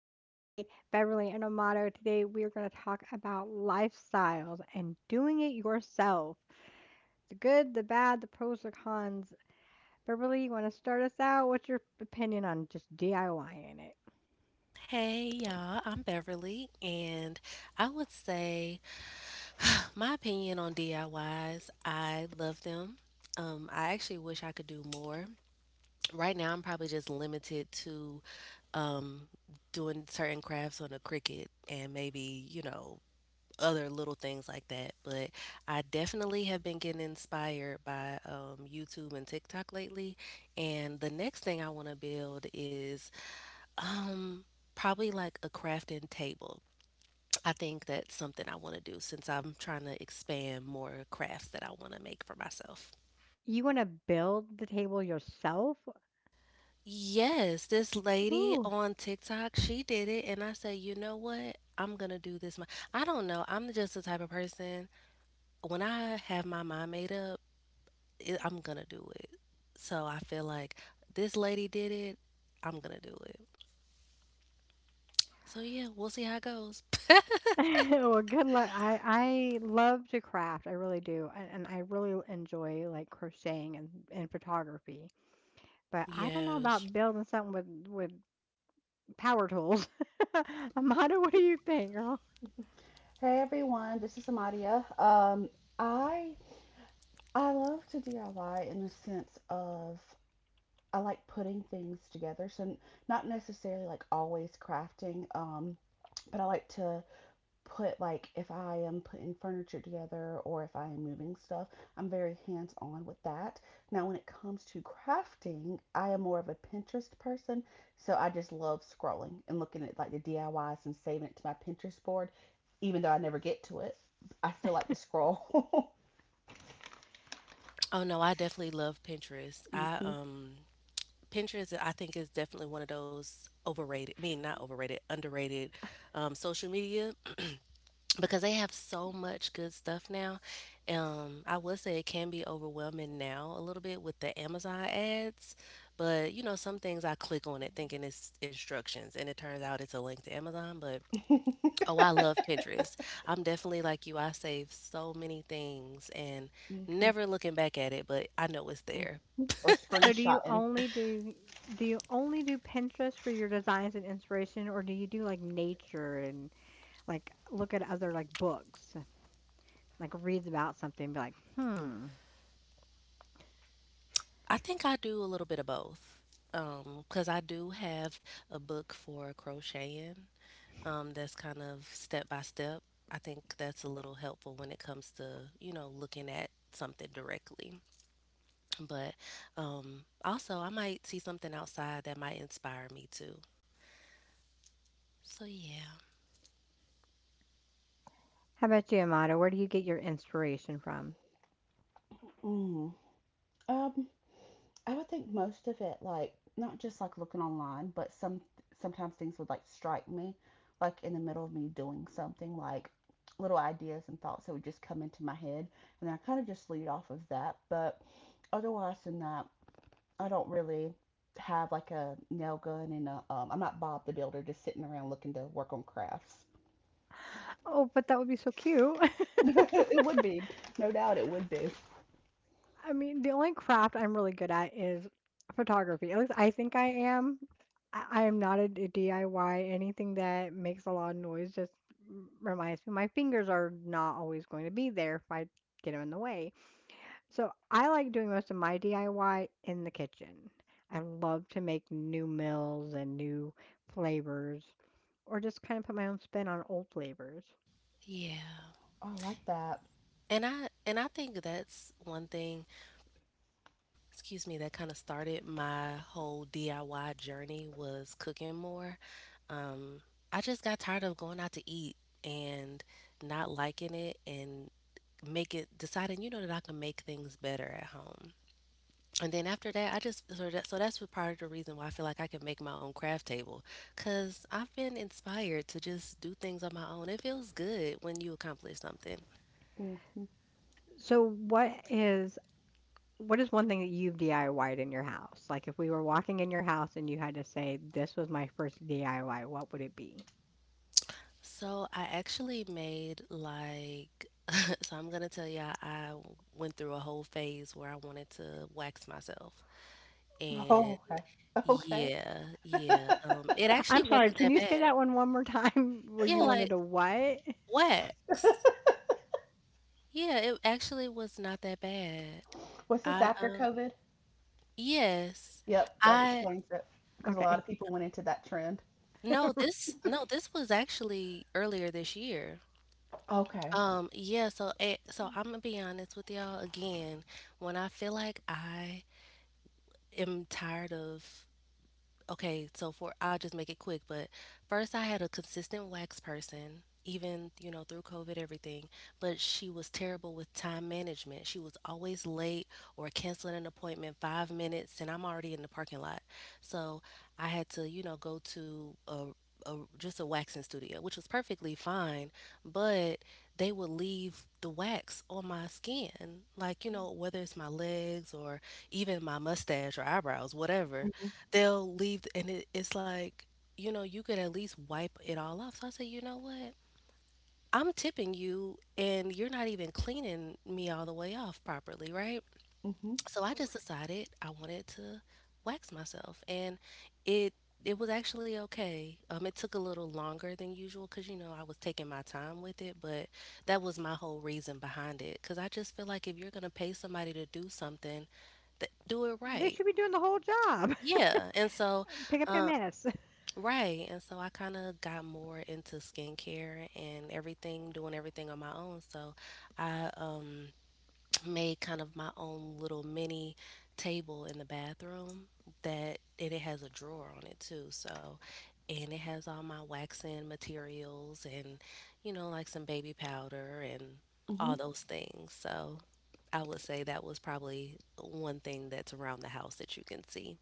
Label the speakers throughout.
Speaker 1: Brandy, Beverly, and Amato. Today we are going to talk about lifestyles and doing it yourself. The good, the bad, the pros, the cons. Beverly, you want to start us out? What's your opinion on just DIYing it?
Speaker 2: Hey y'all, I'm Beverly, and I would say my opinion on DIYs, I love them. I actually wish I could do more. Right now, I'm probably just limited to um, doing certain crafts on a Cricut and maybe, you know, other little things like that. But I definitely have been getting inspired by YouTube and TikTok lately. And the next thing I want to build is um, probably like a crafting table. I think that's something I want to do since I'm trying to expand more crafts that I want to make for myself.
Speaker 1: You want to build the table yourself?
Speaker 2: Yes, this lady
Speaker 1: Ooh.
Speaker 2: on TikTok, she did it, and I said, you know what? I'm gonna do this. I don't know. I'm just the type of person when I have my mind made up, I'm gonna do it. So I feel like this lady did it. I'm gonna do it. So yeah, we'll see how it goes.
Speaker 1: Well, good luck. I love to craft. I really do. And I really enjoy like crocheting and photography. But I don't know
Speaker 2: Yes.
Speaker 1: about building something with power tools. Amanda, what do you think, girl?
Speaker 3: Hey everyone, this is Amadia. I I love to DIY in the sense of I like putting things together. So not necessarily like always crafting, but I like to put like if I am putting furniture together or if I am moving stuff, I'm very hands on with that. Now, when it comes to crafting, I am more of a Pinterest person, so I just love scrolling and looking at like the DIYs and saving it to my Pinterest board, even though I never get to it. I still like to scroll.
Speaker 2: Oh no, I definitely love Pinterest. I
Speaker 3: Hmm.
Speaker 2: Pinterest I think is definitely one of those overrated, I mean not overrated, underrated social media because they have so much good stuff now. I would say it can be overwhelming now a little bit with the Amazon ads, but you know some things I click on it thinking it's instructions and it turns out it's a link to Amazon, but oh I love Pinterest. I'm definitely like you. I save so many things and
Speaker 3: Hmm. Hmm.
Speaker 2: never looking back at it, but I know it's there.
Speaker 3: Or
Speaker 1: So do you
Speaker 3: screenshotting.
Speaker 1: only do do you only do Pinterest for your designs and inspiration, or do you do like nature and like look at other like books, like reads about something, and be like, hmm.
Speaker 2: I think I do a little bit of both. 'Cause because I do have a book for crocheting, that's kind of step by step. I think that's a little helpful when it comes to, you know, looking at something directly. But also, I might see something outside that might inspire me too. So yeah,
Speaker 1: How about you, Amanda? Where do you get your inspiration from?
Speaker 3: Mm. Um, I would think most of it, like not just like looking online, but sometimes things would like strike me, like in the middle of me doing something, like little ideas and thoughts that would just come into my head, and I kind of just lead off of that. But otherwise than that, I don't really have like a nail gun and I'm not Bob the Builder just sitting around looking to work on crafts.
Speaker 1: Oh, but that would be so cute.
Speaker 3: It would be, no doubt, it would be.
Speaker 1: I mean, the only craft I'm really good at is photography. At least I think I am. I am not a DIY. Anything that makes a lot of noise just reminds me my fingers are not always going to be there if I get them in the way. So I like doing most of my DIY in the kitchen. I love to make new meals and new flavors or just kind of put my own spin on old flavors.
Speaker 2: yeah.
Speaker 3: Oh, I like that.
Speaker 2: And I think that's one thing excuse me, that kind of started my whole DIY journey was cooking more. Um, I just got tired of going out to eat and not liking it and make it deciding, you know, that I can make things better at home. And then after that, I just so that so that's what part of the reason why I feel like I can make my own craft table, cause I've been inspired to just do things on my own. It feels good when you accomplish something.
Speaker 3: Hmm.
Speaker 1: So what is one thing that you've DIY'd in your house? Like if we were walking in your house and you had to say this was my first DIY, what would it be?
Speaker 2: So I actually made like I'm gonna tell y'all, I went through a whole phase where I wanted to wax myself, and
Speaker 3: Oh, okay, okay.
Speaker 2: yeah, yeah, it actually
Speaker 1: I'm sorry,
Speaker 2: wasn't
Speaker 1: can
Speaker 2: that
Speaker 1: you say
Speaker 2: bad.
Speaker 1: that one more time where
Speaker 2: Yeah,
Speaker 1: you
Speaker 2: like
Speaker 1: wanted a what?
Speaker 2: wax. Yeah, it actually was not that bad.
Speaker 3: Was this
Speaker 2: I
Speaker 3: after COVID?
Speaker 2: yes.
Speaker 3: Yep, that
Speaker 2: I
Speaker 3: explains it because a
Speaker 1: Okay.
Speaker 3: lot of people went into that trend.
Speaker 2: no this no this was actually earlier this year.
Speaker 3: Okay.
Speaker 2: Yeah, so I'm gonna be honest with y'all again. When I feel like I am tired of Okay, so for I'll just make it quick, but first I had a consistent wax person, even, you know, through COVID everything, but she was terrible with time management. She was always late or canceling an appointment 5 minutes and I'm already in the parking lot. So, I had to, you know, go to just a waxing studio, which was perfectly fine, but they would leave the wax on my skin, like you know, whether it's my legs or even my mustache or eyebrows, whatever
Speaker 3: Mhm.
Speaker 2: they'll leave and it's like you know you could at least wipe it all off so I said you know what I'm tipping you and you're not even cleaning me all the way off properly right
Speaker 3: Mhm.
Speaker 2: so I just decided I wanted to wax myself and it it was actually okay it took a little longer than usual because you know I was taking my time with it but that was my whole reason behind it because I just feel like if you're gonna pay somebody to do something do it
Speaker 1: They
Speaker 2: right
Speaker 1: should be doing the whole job.
Speaker 2: yeah and so
Speaker 1: Pick up your
Speaker 2: um,
Speaker 1: mess.
Speaker 2: Right. And so I kind of got more into skincare and everything, doing everything on my own. So I made kind of my own little mini table in the bathroom that and it has a drawer on it too. So and it has all my waxing materials and you know like some baby powder and all
Speaker 3: Mhm.
Speaker 2: those things. So I would say that was probably one thing that's around the house that you can see.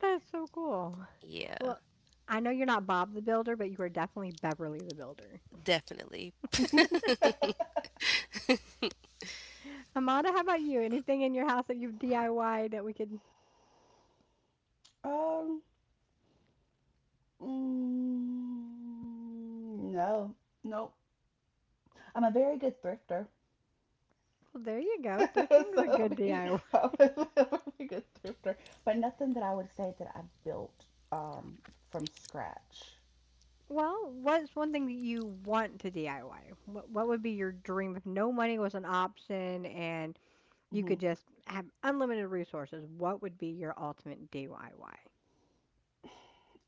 Speaker 1: That's so cool.
Speaker 2: Yeah,
Speaker 1: Well, I know you're not Bob the Builder, but you are definitely Beverly the Builder.
Speaker 2: definitely.
Speaker 1: Amanda, how about you? Anything in your house that you've DIY'd that we could?
Speaker 3: Um. Mm, no. Nope. I'm a very good thrifter.
Speaker 1: Well, there you go. Those
Speaker 3: So
Speaker 1: things are
Speaker 3: I
Speaker 1: good
Speaker 3: mean,
Speaker 1: DIY.
Speaker 3: I'm a very good thrifter, but nothing that I would say that I built um from scratch.
Speaker 1: Well, what's one thing that you want to DIY? What would be your dream if no money was an option and you
Speaker 3: Hmm.
Speaker 1: could just have unlimited resources? What would be your ultimate DIY?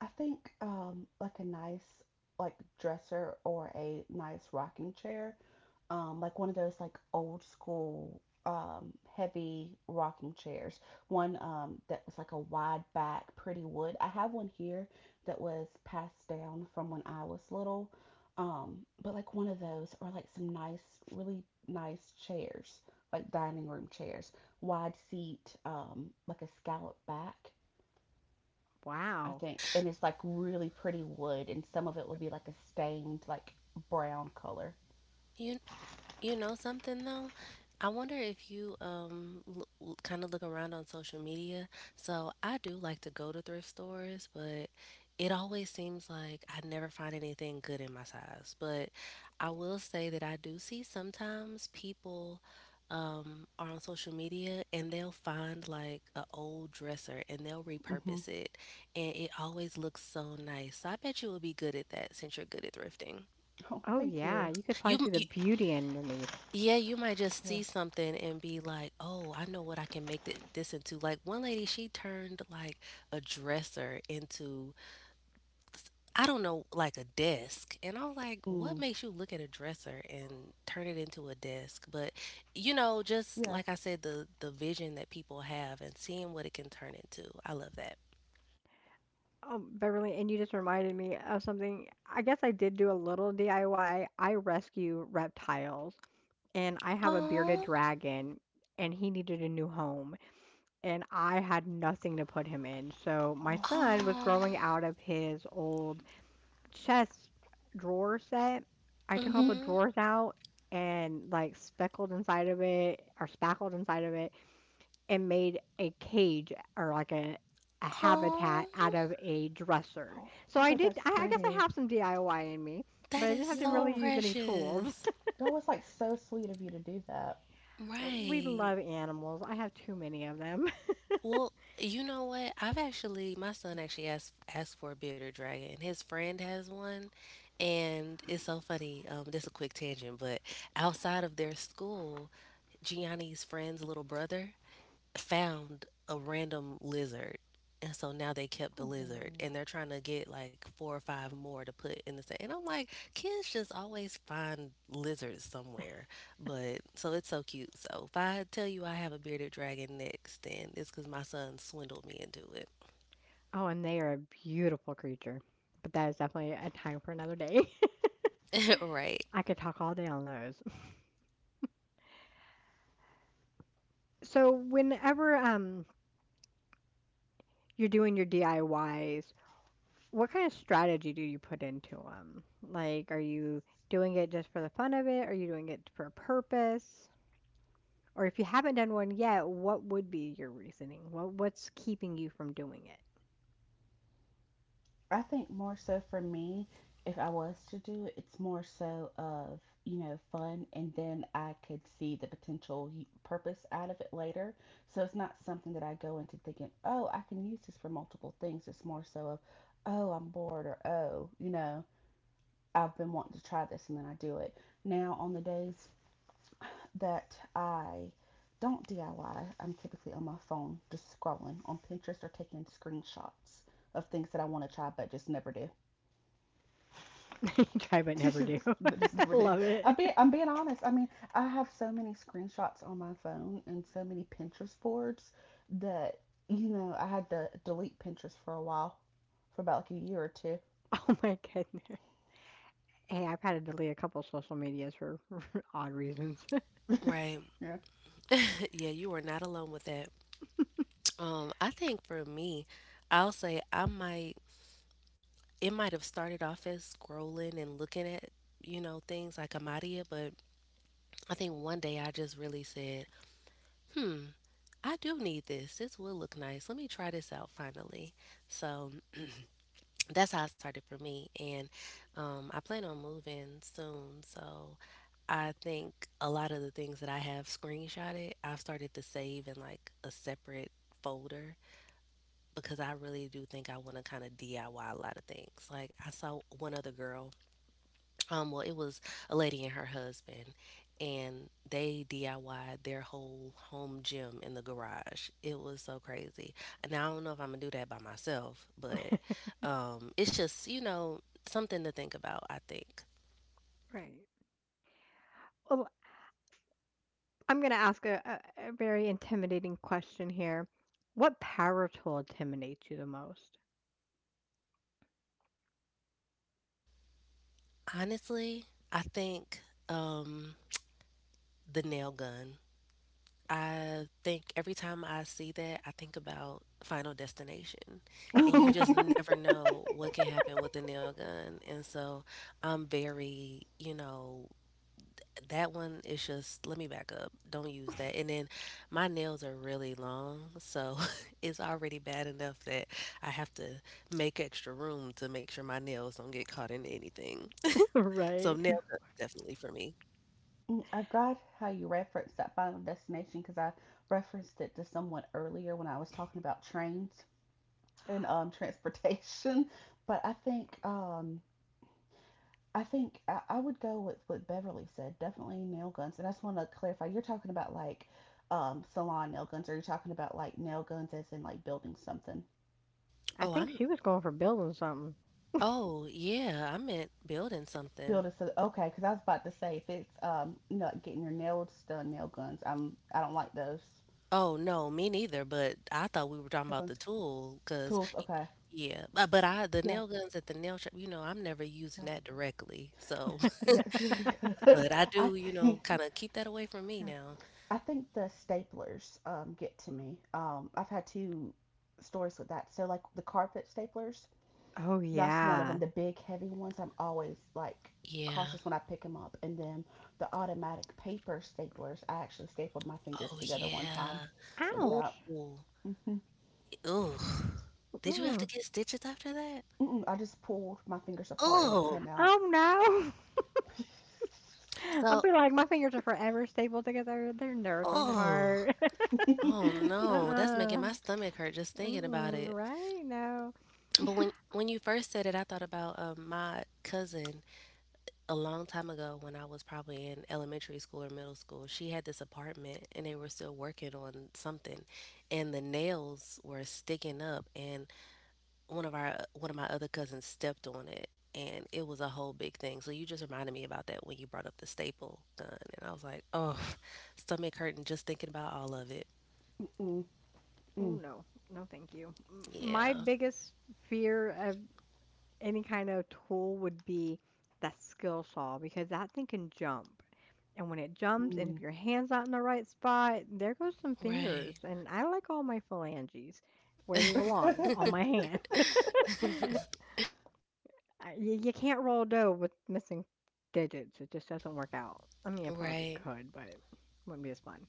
Speaker 3: I think like a nice like dresser or a nice rocking chair, like one of those like old school, heavy rocking chairs. One, that was like a wide back, pretty wood. I have one here that was passed down from when I was little. But like one of those, or like some nice, really nice chairs, like dining room chairs, wide seat, like a scallop back, I
Speaker 1: Wow.
Speaker 3: think. And it's like really pretty wood, and some of it will be like a stained, like brown color.
Speaker 2: You You know something though? I wonder if you kind of look around on social media. So I do like to go to thrift stores, but it always seems like I never find anything good in my size. But I will say that I do see sometimes people are on social media and they'll find like a old dresser and they'll
Speaker 3: Hmm.
Speaker 2: repurpose it and it always looks so nice. So I bet you will be good at that since you're good at thrifting.
Speaker 3: Oh,
Speaker 1: Oh
Speaker 3: thank
Speaker 1: yeah,
Speaker 3: you.
Speaker 1: you could probably
Speaker 2: You
Speaker 1: see the
Speaker 2: you
Speaker 1: beauty underneath.
Speaker 2: yeah, you might just
Speaker 3: You're
Speaker 2: see something and be like, "Oh, I know what I can make this into." Like one lady, she turned like a dresser into I don't know, like a desk. And I was like, "What
Speaker 3: Mm,
Speaker 2: makes you look at a dresser and turn it into a desk?" But you know, just
Speaker 3: yeah.
Speaker 2: like I said, the vision that people have and seeing what it can turn into. I love that.
Speaker 1: Oh, Beverly, and you just reminded me of something. I guess I did do a little DIY. I Y. I rescue reptiles, and I have a bearded
Speaker 2: Oh,
Speaker 1: dragon, and he needed a new home, and I had nothing to put him in. So my
Speaker 3: Oh,
Speaker 1: son was
Speaker 2: oh,
Speaker 1: growing out of his old chest drawer set. I took all
Speaker 3: hmm,
Speaker 1: the
Speaker 2: mm-hmm.
Speaker 1: drawers out and like speckled inside of it or spackled inside of it and made a cage or like a habitat
Speaker 2: Oh,
Speaker 1: out of a dresser.
Speaker 3: oh,
Speaker 1: So
Speaker 3: I
Speaker 1: I
Speaker 3: bet
Speaker 1: did.
Speaker 3: that's
Speaker 1: I guess I
Speaker 3: pretty.
Speaker 1: have some DIY in me, but
Speaker 2: that
Speaker 1: I
Speaker 2: is
Speaker 1: didn't have to
Speaker 2: so
Speaker 1: really
Speaker 3: Yeah.
Speaker 1: use any tools.
Speaker 2: precious.
Speaker 3: That was like so sweet of you to do that.
Speaker 1: We
Speaker 2: Right.
Speaker 1: love animals. I have too many of them.
Speaker 2: Well, you know what? I've actually my son actually asked for a bearded dragon. His friend has one, and it's so funny. This is a quick tangent, but outside of their school, Gianni's friend's little brother, found a random lizard. And so now they kept the lizard and
Speaker 1: Aw.
Speaker 2: they're trying to get like four or five more to put in the same. And I'm like, kids just always find lizards somewhere. But so it's so cute. So if I tell you I have a bearded dragon next, then it's because my son swindled me into it.
Speaker 1: Oh, and they are a beautiful creature. But that is definitely a time for another day.
Speaker 2: right.
Speaker 1: I could talk all day on those. So whenever you're doing your DIY, what kind of strategy do you put into them? Like, are you doing it just for the fun of it? Are you doing it for a purpose? Or if you haven't done one yet, what would be your reasoning? What's keeping you from doing
Speaker 3: I think more so for me, if I was to do it, it's more so of, you know, fun and then I could see the potential purpose out of it later. So it's not something that I go into thinking, oh, I can use this for multiple things. It's more so of, oh, I'm bored or oh, you know, I've been wanting to try this and then I do it. Now, on the days that I don't DIY. I'm typically on my phone just scrolling on Pinterest or taking screenshots of things that I want to try but just never do.
Speaker 1: it? Try but never do.
Speaker 3: Just
Speaker 1: I
Speaker 3: never do.
Speaker 1: love
Speaker 3: I'm
Speaker 1: it.
Speaker 3: being, I'm being honest. I mean, I have so many screenshots on my phone and so many Pinterest boards that, you know, I had to delete Pinterest for a while, for about like a year or two.
Speaker 1: Oh my goodness. Hey, I've had to delete a couple social medias for odd reasons.
Speaker 2: Right.
Speaker 3: Yeah.
Speaker 2: yeah, you are not alone with that. I think for me, I'll say I might it might have started off as scrolling and looking at, you know, things like Amadia, but I think one day I just really said, I do need this. This will look nice. Let me try this out finally. So that's how it started for me. And I plan on moving soon. So I think a lot of the things that I have screenshotted, I've started to save in like a separate folder because I really do think I want to kind of DIY a lot of things. Like I saw one other girl well, it was a lady and her husband, and they DIY'd their whole home gym in the garage. It was so crazy. Now, I don't know if I'm gonna do that by myself, but it's just, you know, something to think about, I think.
Speaker 1: Right. Well, I'm gonna ask a very intimidating question here. What power tool intimidates you the most?
Speaker 2: Honestly, I think um, the nail gun. I think every time I see that, I think about Final Destination, and
Speaker 1: Oh
Speaker 2: you
Speaker 3: Mm-hmm.
Speaker 2: just
Speaker 1: God.
Speaker 2: never know what can happen with a nail gun. And so I'm very, you know, that one is just let me back up, don't use that. And then my nails are really long, so it's already bad enough that I have to make extra room to make sure my nails don't get caught in anything. So
Speaker 1: Right.
Speaker 2: nail gun definitely for me.
Speaker 3: I got how you referenced that Final Destination because I referenced it to someone earlier when I was talking about trains. And transportation. But I think I would go with what Beverly said. Definitely nail guns. And I just want to clarify. You're talking about like, salon nail guns, or you're talking about like nail guns as in like building something.
Speaker 1: I
Speaker 2: Oh,
Speaker 1: think
Speaker 2: I'm,
Speaker 1: she was going for building something.
Speaker 2: oh, yeah, I meant building something.
Speaker 3: Building. So okay, because I was about to say if it's like getting your nails done, nail guns. I don't like those
Speaker 2: Oh, no, me neither, but I thought we were talking
Speaker 3: nail
Speaker 2: about the
Speaker 3: guns.
Speaker 2: tool, cause
Speaker 3: Tools. Okay.
Speaker 2: yeah, but I the
Speaker 3: Yeah.
Speaker 2: nail guns at the nail shop, you know, I'm never using that directly, so
Speaker 3: Yeah. Yeah.
Speaker 2: but I
Speaker 3: I
Speaker 2: do, you know,
Speaker 3: think.
Speaker 2: kinda keep that away from me
Speaker 3: Yeah.
Speaker 2: now.
Speaker 3: I think the staplers, get to me. I've had two stories with that. So like the carpet staplers,
Speaker 1: Oh,
Speaker 3: that's one of them.
Speaker 1: yeah.
Speaker 3: The big heavy ones, I'm always like
Speaker 2: Yeah.
Speaker 3: cautious when I pick them up. And then the automatic paper staplers, I actually stapled my fingers
Speaker 2: Oh,
Speaker 3: together one
Speaker 2: yeah.
Speaker 3: time with
Speaker 2: Ooh.
Speaker 3: that.
Speaker 1: Ouch.
Speaker 3: Hmm.
Speaker 2: Ooh. Did you have to
Speaker 1: Mm.
Speaker 2: get stitches after that?
Speaker 3: Mm-mm, I just pulled my fingers apart and it
Speaker 2: Oh.
Speaker 3: came out.
Speaker 1: Oh, no. I'll
Speaker 2: So
Speaker 1: be like, my fingers are forever stapled together. They're never coming
Speaker 2: oh.
Speaker 1: apart.
Speaker 2: Oh, no,
Speaker 3: Mm-mm,
Speaker 2: that's making
Speaker 1: Uh-uh.
Speaker 2: my stomach hurt just thinking about
Speaker 1: Mm-mm.
Speaker 2: it.
Speaker 1: Right? No.
Speaker 2: But when you first said it, I thought about, my cousin a long time ago when I was probably in elementary school or middle school, she had this apartment and they were still working on something and the nails were sticking up and one of my other cousins stepped on it and it was a whole big thing. So you just reminded me about that when you brought up the staple gun and I was like, "Oh, stomach hurting just thinking about all of it."
Speaker 3: mm,
Speaker 1: Oh,
Speaker 3: mm,
Speaker 1: no. No, thank you. My
Speaker 2: Yeah.
Speaker 1: biggest fear of any kind of tool would be that skill saw because that thing can jump. And when it jumps, and
Speaker 3: mm,
Speaker 1: if your hand's not in the right spot, there goes some
Speaker 2: Right.
Speaker 1: fingers. And I like all my phalanges where they belong on my hand. You can't roll dough with missing digits, it just doesn't work out. I mean, I probably
Speaker 2: right.
Speaker 1: could, but it wouldn't be as fun.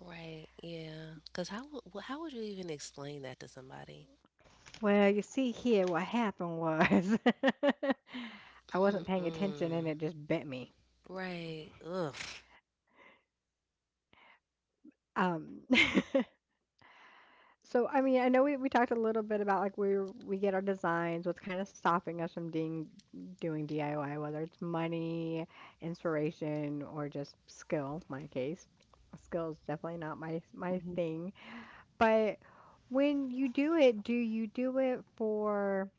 Speaker 2: Right. Yeah. Cuz how would you even explain that to somebody?
Speaker 1: Well, you see here, what happened was I wasn't paying attention
Speaker 2: Mm-mm.
Speaker 1: and it just bit me.
Speaker 2: Right. Ugh.
Speaker 1: Um, So, I mean, I know we talked a little bit about like where we get our designs, what's kind of stopping us from doing DIY, whether it's money, inspiration, or just skill, my case. Skill is definitely not my
Speaker 3: mhm,
Speaker 1: thing. But when you do it, do you do it for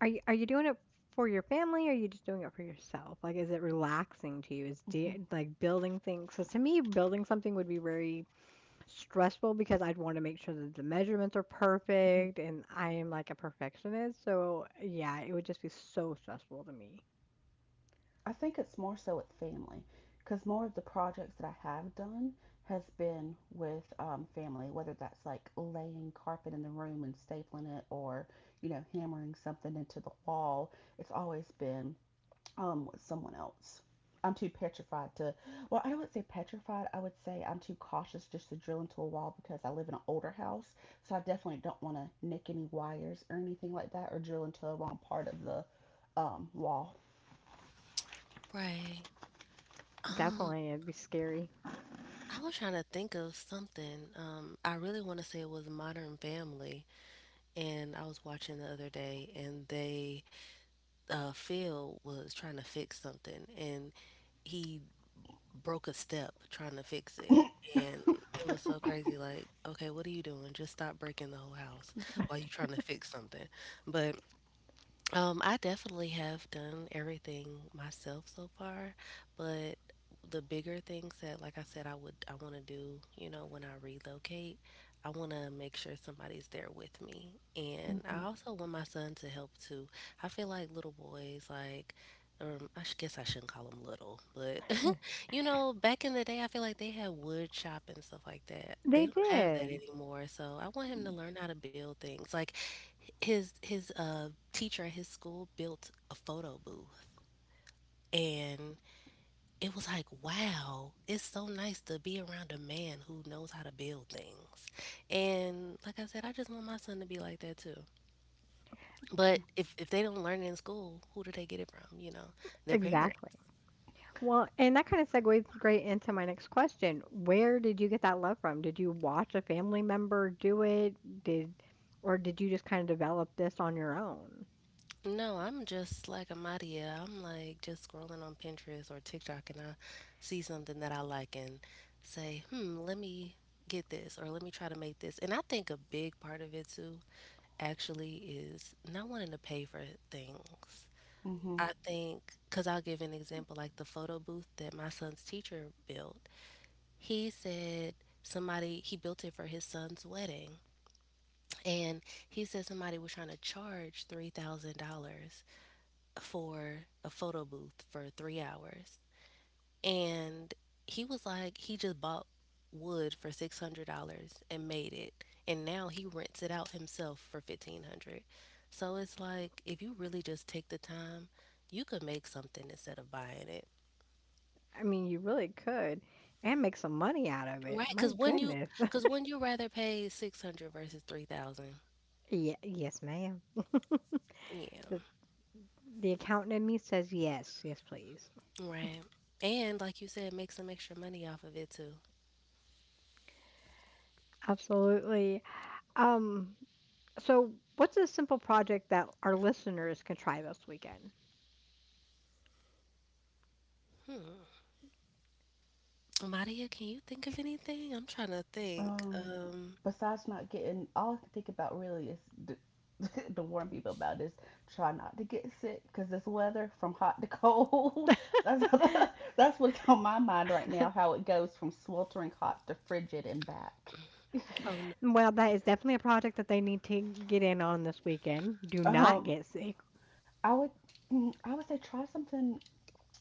Speaker 1: are you doing it for your family or are you just doing it for yourself? Like, is it relaxing to you? Is
Speaker 3: mhm, mhm,
Speaker 1: de Like building things? So to me, building something would be very stressful because I'd want to make sure that the measurements are perfect and I am like a perfectionist. So, yeah, it would just be so stressful to me.
Speaker 3: I think it's more so with family because more of the projects that I have done has been with, family, whether that's like laying carpet in the room and stapling it or, you know, hammering something into the wall. It's always been, with someone else. I'm too petrified to, well, I wouldn't say petrified. I would say I'm too cautious just to drill into a wall because I live in an older house. So I definitely don't want to nick any wires or anything like that or drill into the wrong part of the, wall.
Speaker 2: Right. Um,
Speaker 1: Definitely, it'd be scary.
Speaker 2: I was trying to think of something. I really want to say it was Modern Family, and I was watching the other day, and they, Phil was trying to fix something, and he broke a step trying to fix it. And it was so crazy. Like, okay, what are you doing? Just stop breaking the whole house while you trying to fix something. But I definitely have done everything myself so far, but the bigger things that, like I said, I want to do, you know, when I relocate, I want to make sure somebody's there with me, and
Speaker 3: Hmm.
Speaker 2: I also want my son to help too. I feel like little boys, like, I guess I shouldn't call them little, but you know, back in the day, I feel like they had wood shop and stuff like that.
Speaker 1: They
Speaker 2: They don't have that
Speaker 1: did.
Speaker 2: anymore, so I want
Speaker 3: Mm-hmm.
Speaker 2: him to learn how to build things. Like, his teacher at his school built a photo booth, and it was like, wow, it's so nice to be around a man who knows how to build things. And like I said, I just want my son to be like that too. But if they don't learn it in school, who do they get it from? Their parents.
Speaker 1: Exactly. Well, and that kind of segues great into my next question. Where did you get that love from? Did you watch a family member do it? Did or did you just kind of develop this on your own?
Speaker 2: No, I'm just like Amadia. I'm like just scrolling on Pinterest or TikTok, and I see something that I like and say, hmm, let me get this, or let me try to make this. And I think a big part of it too, actually, is not wanting to pay for things.
Speaker 3: Mm-hmm.
Speaker 2: I think, because I'll give an example, like the photo booth that my son's teacher built. He said somebody, he built it for his son's wedding. And he said somebody was trying to charge $3,000 for a photo booth for 3 hours. And he was like, he just bought wood for $600 and made it. And now he rents it out himself for 1500. So it's like, if you really just take the time, you could make something instead of buying it.
Speaker 1: I mean, you really could and make some money out of it.
Speaker 2: Right?
Speaker 1: My goodness.
Speaker 2: Because when you rather pay 600 versus 3000.
Speaker 1: Yeah, yes, ma'am.
Speaker 2: Yeah.
Speaker 1: The accountant in me says yes, yes, please.
Speaker 2: Right. And like you said, make some extra money off of it too.
Speaker 1: Absolutely. Um, so what's a simple project that our listeners can try this weekend?
Speaker 2: Maria, can you think of anything? I'm trying to think.
Speaker 3: Um, Besides not getting, all I can think about really is the, to warn people about is try not to get sick because this weather from hot to cold, that's, that's what's on my mind right now how it goes from sweltering hot to frigid and back.
Speaker 2: Oh, n
Speaker 1: Well, that is definitely a project that they need to get in on this weekend. Do not
Speaker 3: um
Speaker 1: get sick.
Speaker 3: i would I would say try something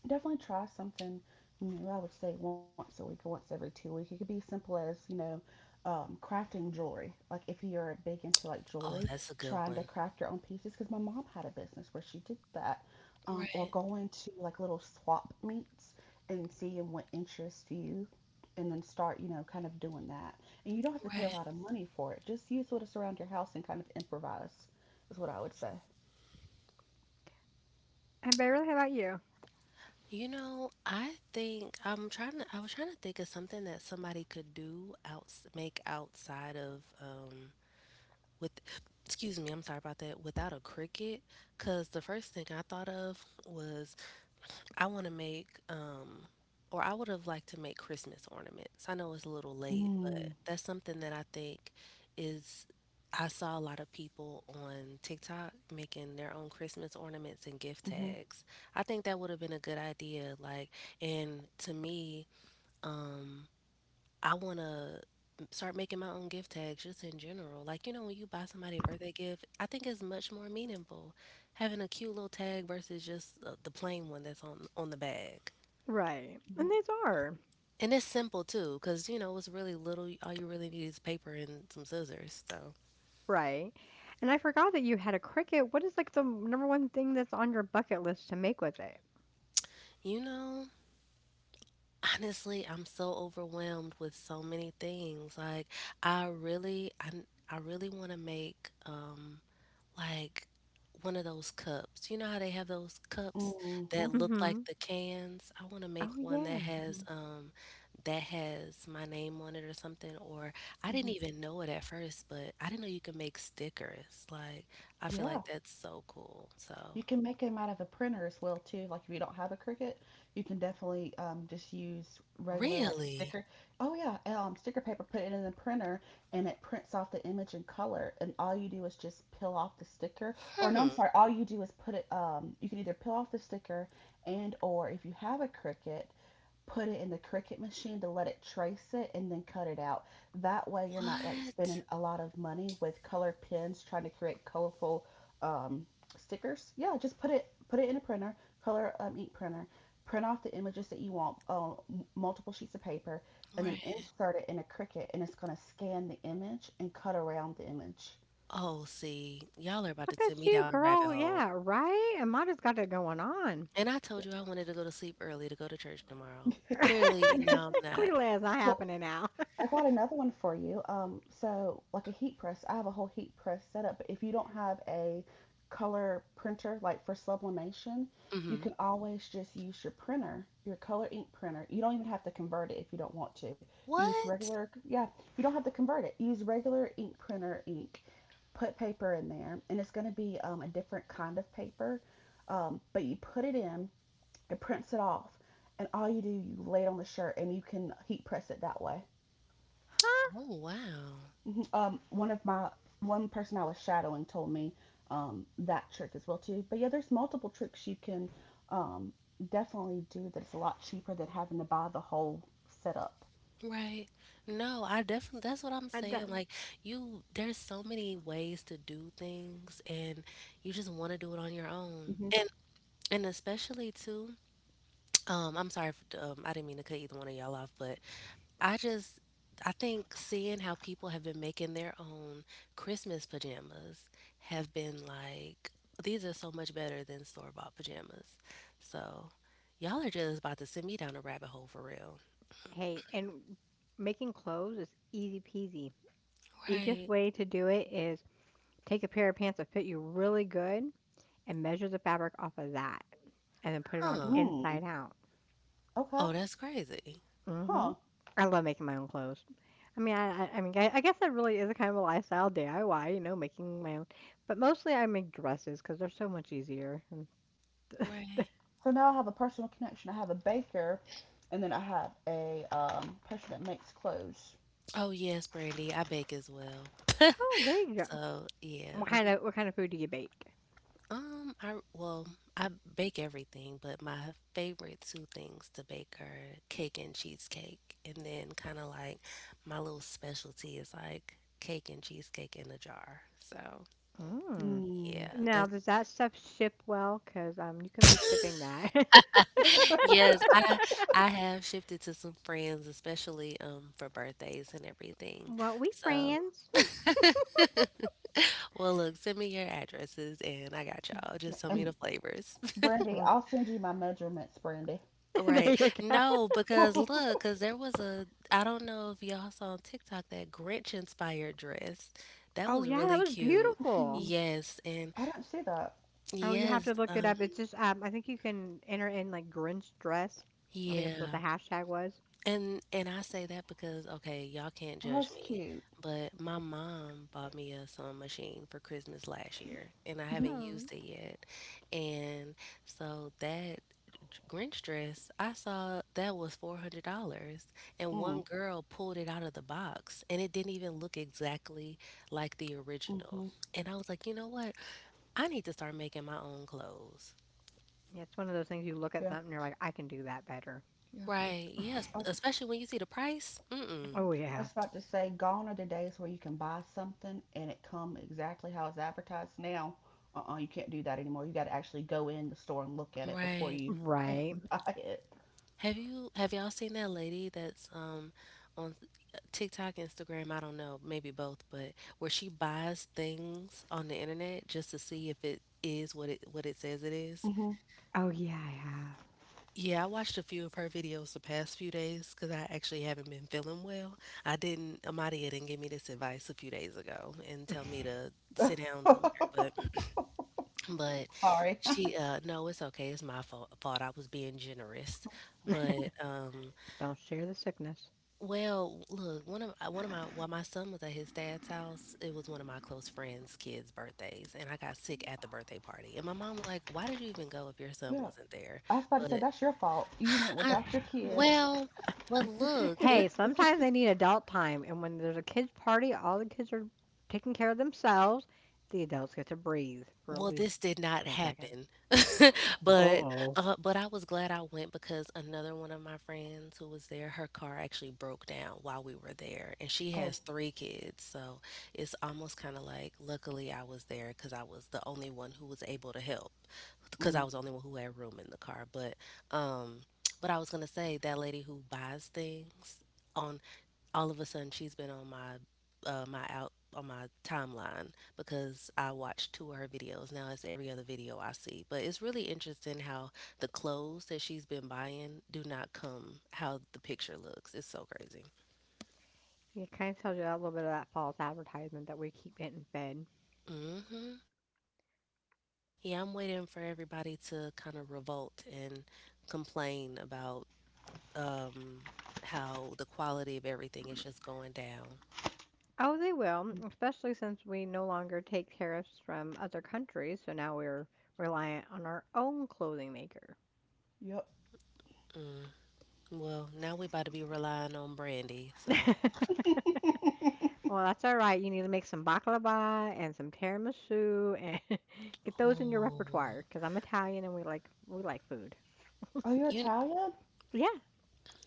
Speaker 3: definitely try something new. I would say once a week or once every 2 weeks. It could be simple as, crafting jewelry. Like if you're big into like
Speaker 2: oh,
Speaker 3: jewelry,
Speaker 2: that's a good
Speaker 3: trying to
Speaker 2: one.
Speaker 3: craft your own pieces. Because my mom had a business where she did that. Or
Speaker 2: Right,
Speaker 3: going to like little swap meets and seeing what interests you and then start, kind of doing that. And you don't have to pay a
Speaker 2: right.
Speaker 3: lot of money for it. Just use what is around your house and kind of improvise, is what I would say.
Speaker 1: And Beverly, how about you?
Speaker 2: You know, I think I was trying to think of something that somebody could do outs make outside of with, excuse me, I'm sorry about that, without a cricket, because the first thing I thought of was I want to make, or I would have liked to make Christmas ornaments. I know it's a little late,
Speaker 3: Mm,
Speaker 2: but that's something that I think is. I saw a lot of people on TikTok making their own Christmas ornaments and gift
Speaker 3: mm-hmm,
Speaker 2: tags. I think that would have been a good idea. Like, and to me, um, I wanna start making my own gift tags just in general. Like, you know, when you buy somebody a birthday gift, I think it's much more meaningful having a cute little tag versus just the plain one that's on the bag.
Speaker 1: Right.
Speaker 3: mm-hmm,
Speaker 1: And these are.
Speaker 2: And it's simple too, 'cause you know, it's really little. All you really need is paper and some scissors. So,
Speaker 1: Right. And I forgot that you had a cricket. What is like the number one thing that's on your bucket list to make with it?
Speaker 2: you know, honestly, I'm so overwhelmed with so many things. Like, I really I I really want to make like one of those cups. You know how they have those cups
Speaker 3: mm-hmm,
Speaker 2: that look
Speaker 1: Mm-hmm.
Speaker 2: like the cans? I want to
Speaker 1: Oh
Speaker 2: make one
Speaker 1: yeah.
Speaker 3: mm-hmm,
Speaker 2: that has my name on it or something. Or I
Speaker 3: mm-hmm.
Speaker 2: didn't even know it at first, but I didn't know you could make stickers. Like, I feel
Speaker 3: Yeah,
Speaker 2: like that's so cool. So,
Speaker 3: you can make them out of a printer as well too. Like if you don't have a Cricut, you can definitely, just use regular like
Speaker 2: really?
Speaker 3: sticker. Oh yeah, sticker paper. Put it in the printer, and it prints off the image in color. And all you do is just peel off the sticker. Or no, I'm
Speaker 2: Hmm.
Speaker 3: sorry. All you do is put it. You can either peel off the sticker, and or if you have a Cricut, put it in the Cricut machine to let it trace it and then cut it out. That way, you're not like spending
Speaker 2: What?
Speaker 3: a lot of money with color pens trying to create colorful, um, stickers. Yeah, just put it in a printer, color, ink printer, print off the images that you want on multiple sheets of paper, and then
Speaker 2: Right.
Speaker 3: insert it in a Cricut, and it's gonna scan the image and cut around the image.
Speaker 2: Oh, see, y'all are about
Speaker 1: Look
Speaker 2: to send
Speaker 1: at
Speaker 2: me
Speaker 1: you,
Speaker 2: down a rabbit
Speaker 1: girl.
Speaker 2: hole.
Speaker 1: Yeah, right? And Amada's got it going on.
Speaker 2: And I told you I wanted to go to sleep early to go to church tomorrow. Clearly, now I'm not.
Speaker 1: Clearly, it's not
Speaker 3: Well,
Speaker 1: happening now.
Speaker 3: I got another one for you. So like a heat press, I have a whole heat press setup. But if you don't have a color printer, like for sublimation, you
Speaker 2: Mhm.
Speaker 3: can always just use your printer, your color ink printer. You don't even have to convert it if you don't want to. Use
Speaker 2: What?
Speaker 3: regular, yeah, you don't have to convert it. Use regular ink printer ink. Put paper in there, and it's going to be, a different kind of paper. But you put it in, it prints it off, and all you do, you lay it on the shirt, and you can heat press it that way.
Speaker 1: Huh?
Speaker 2: Oh, wow.
Speaker 3: Um one of my one person I was shadowing told me that trick as well too. But yeah, there's multiple tricks you can um definitely do that's a lot cheaper than having to buy the whole setup.
Speaker 2: Right. No, I definitely, that's what I'm
Speaker 1: I
Speaker 2: saying.
Speaker 1: don't-
Speaker 2: Like, you, there's so many ways to do things, and you just want to do it on your own.
Speaker 3: Mm-hmm.
Speaker 2: And, and especially too, I'm sorry, if, I didn't mean to cut either one of y'all off, but I just, I think seeing how people have been making their own Christmas pajamas have been like, these are so much better than store-bought pajamas. So, y'all are just about to send me down a rabbit hole for real.
Speaker 1: hey, and making clothes is easy peasy. Easiest
Speaker 2: Right.
Speaker 1: way to do it is take a pair of pants that fit you really good and measure the fabric off of that and then put it on
Speaker 2: Huh.
Speaker 3: Mm,
Speaker 1: inside out.
Speaker 3: okay.
Speaker 2: Oh, that's crazy.
Speaker 1: hmm
Speaker 3: Huh.
Speaker 1: I love making my own clothes. I mean, I guess that really is a kind of a lifestyle DIY, making my own. But mostly, I make dresses because they're so much easier. And,
Speaker 2: Right.
Speaker 3: So now I have a personal connection. I have a baker, and then I have a, person that makes clothes.
Speaker 2: Oh yes, Brandy. I bake as well.
Speaker 1: oh, there you go.
Speaker 2: So yeah,
Speaker 1: What kind
Speaker 2: I'm
Speaker 1: of what kind of food do you bake?
Speaker 2: um I well, I bake everything, but my favorite two things to bake are cake and cheesecake, and then kind of like my little specialty is like cake and cheesecake in a jar. So
Speaker 1: Mm.
Speaker 2: yeah,
Speaker 3: Mm.
Speaker 1: Now,
Speaker 2: that's
Speaker 1: does that stuff ship well? Cause you can be shipping that.
Speaker 2: yes. I have shifted to some friends, especially for birthdays and everything.
Speaker 1: Well, we
Speaker 2: So,
Speaker 1: friends.
Speaker 2: well, look, send me your addresses and I got y'all. Just tell me the
Speaker 3: And
Speaker 2: flavors.
Speaker 3: Brandy,
Speaker 1: Mm.
Speaker 3: I'll send you my measurements, Brandy.
Speaker 2: Right.
Speaker 1: There you go.
Speaker 2: No, because look, because there was a, I don't know if y'all saw on TikTok that Grinch inspired dress. That
Speaker 1: Oh,
Speaker 2: was
Speaker 1: yeah, that
Speaker 2: really
Speaker 1: was
Speaker 2: cute.
Speaker 1: beautiful.
Speaker 3: Mm,
Speaker 2: Yes. And
Speaker 3: I don't see that.
Speaker 1: Oh, you have
Speaker 2: yes.
Speaker 1: to look it up. It's just, I think you can enter in like Grinch dress. I think that's what the
Speaker 2: Yeah.
Speaker 1: hashtag was.
Speaker 2: And I say that because okay, y'all can't
Speaker 3: Oh,
Speaker 2: judge
Speaker 3: that's
Speaker 2: me,
Speaker 3: cute.
Speaker 2: but my mom bought me a sewing machine for Christmas last year, and I
Speaker 3: Mm-hmm.
Speaker 2: haven't
Speaker 1: Oh.
Speaker 2: used it yet. And so that Grinch dress I saw that was $400, and one
Speaker 3: Mm,
Speaker 2: girl pulled it out of the box, and it didn't even look exactly like the original.
Speaker 3: mm-hmm.
Speaker 2: And I was like, you know what? I need to start making my own clothes.
Speaker 1: Yeah, it's one of those things you look at
Speaker 3: Yeah,
Speaker 1: something and you're like, I can do that better.
Speaker 3: yeah.
Speaker 2: Right. Yes.
Speaker 3: I was,
Speaker 2: Especially when you see the price. Mm-mm.
Speaker 3: mhm.
Speaker 1: Oh,
Speaker 3: I
Speaker 1: yeah.
Speaker 3: was about to say, gone are the days where you can buy something and it come exactly how it's advertised. Now, uh-uh, you can't do that anymore. You got to actually go in the store and look at it before
Speaker 2: Right.
Speaker 3: you
Speaker 1: Right.
Speaker 3: buy it.
Speaker 2: Have y'all seen that lady that's on TikTok, Instagram, I don't know, maybe both, but where she buys things on the internet just to see if it is what it says it is?
Speaker 3: Hmm.
Speaker 1: Oh, yeah, I
Speaker 2: Yeah, I watched a few of her videos the past few days because I actually haven't been feeling well. I didn't, Amadia didn't give me this advice a few days ago and
Speaker 1: have.
Speaker 2: tell me to sit down somewhere, but
Speaker 3: Sorry.
Speaker 2: she no, it's okay. It's my fault. I was being generous, but
Speaker 1: Just don't share the sickness.
Speaker 2: well, look, one of my while my son was at his dad's house, it was one of my close friends' kids' birthdays, and I got sick at the birthday party. And my mom was like, "Why did you even go if your son
Speaker 3: Yeah,
Speaker 2: wasn't there?"
Speaker 3: I was about to say
Speaker 2: But
Speaker 3: that's your fault. You went
Speaker 2: I,
Speaker 3: without your kid.
Speaker 2: well, but look, it,
Speaker 1: Hey, sometimes they need adult time, and when there's a kids' party, all the kids are taking care of themselves. The adults get to breathe for at
Speaker 2: well,
Speaker 1: least
Speaker 2: this did not
Speaker 1: 10 seconds.
Speaker 2: happen. But,
Speaker 1: Uh-oh.
Speaker 2: but I was glad I went because another one of my friends who was there, her car actually broke down while we were there, and she
Speaker 3: Oh,
Speaker 2: has three kids, so it's almost kind of like luckily I was there because I was the only one who was able to help because I
Speaker 3: mm,
Speaker 2: was the only one who had room in the car. Um, but I was gonna say that lady who buys things on, all of a sudden she's been on my my out on my timeline because I watched two of her videos. Now it's every other video I see. But it's really interesting how the clothes that she's been buying do not come how the picture looks. It's so crazy.
Speaker 1: It kind of tells you a little bit of that false advertisement that we keep getting fed.
Speaker 2: Mhm. Yeah, I'm waiting for everybody to kind of revolt and complain about um how the quality of everything is just going down.
Speaker 1: Oh, they will, especially since we no longer take tariffs from other countries, so now we're reliant on our own clothing maker.
Speaker 3: yep.
Speaker 2: Mm. Well, now we about to be relying on Brandy, so.
Speaker 1: Well, that's all right. You need to make some baklava and some tiramisu and get those in your
Speaker 2: Oh.
Speaker 1: repertoire because I'm Italian and we like food.
Speaker 3: Oh, you're
Speaker 2: You.
Speaker 3: Italian?
Speaker 1: Yeah,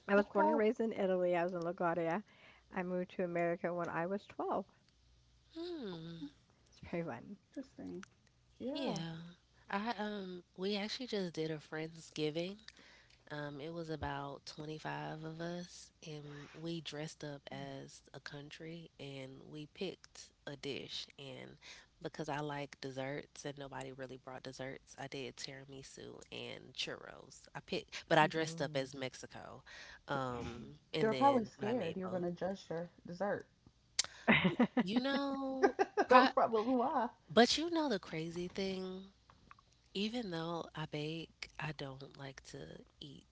Speaker 1: I was born and
Speaker 3: Okay,
Speaker 1: raised in Italy. I was in LaGuardia. I moved to America when I was 12.
Speaker 2: Hmm.
Speaker 1: It's very fun.
Speaker 3: interesting. Yeah.
Speaker 2: Yeah. I we actually just did a Friendsgiving. Um, it was about 25 of us and we dressed up as a country and we picked a dish, and because I like desserts and nobody really brought desserts, I did tiramisu and churros. I picked, but I dressed up
Speaker 1: Mm.
Speaker 2: as Mexico. Um,
Speaker 3: They
Speaker 2: and
Speaker 3: were probably
Speaker 2: then but I
Speaker 3: scared
Speaker 2: made
Speaker 3: you were going
Speaker 2: both.
Speaker 3: to judge their dessert.
Speaker 2: You know,
Speaker 3: That was
Speaker 2: pro-
Speaker 3: probably why.
Speaker 2: but you know the crazy thing? Even though I bake, I don't like to eat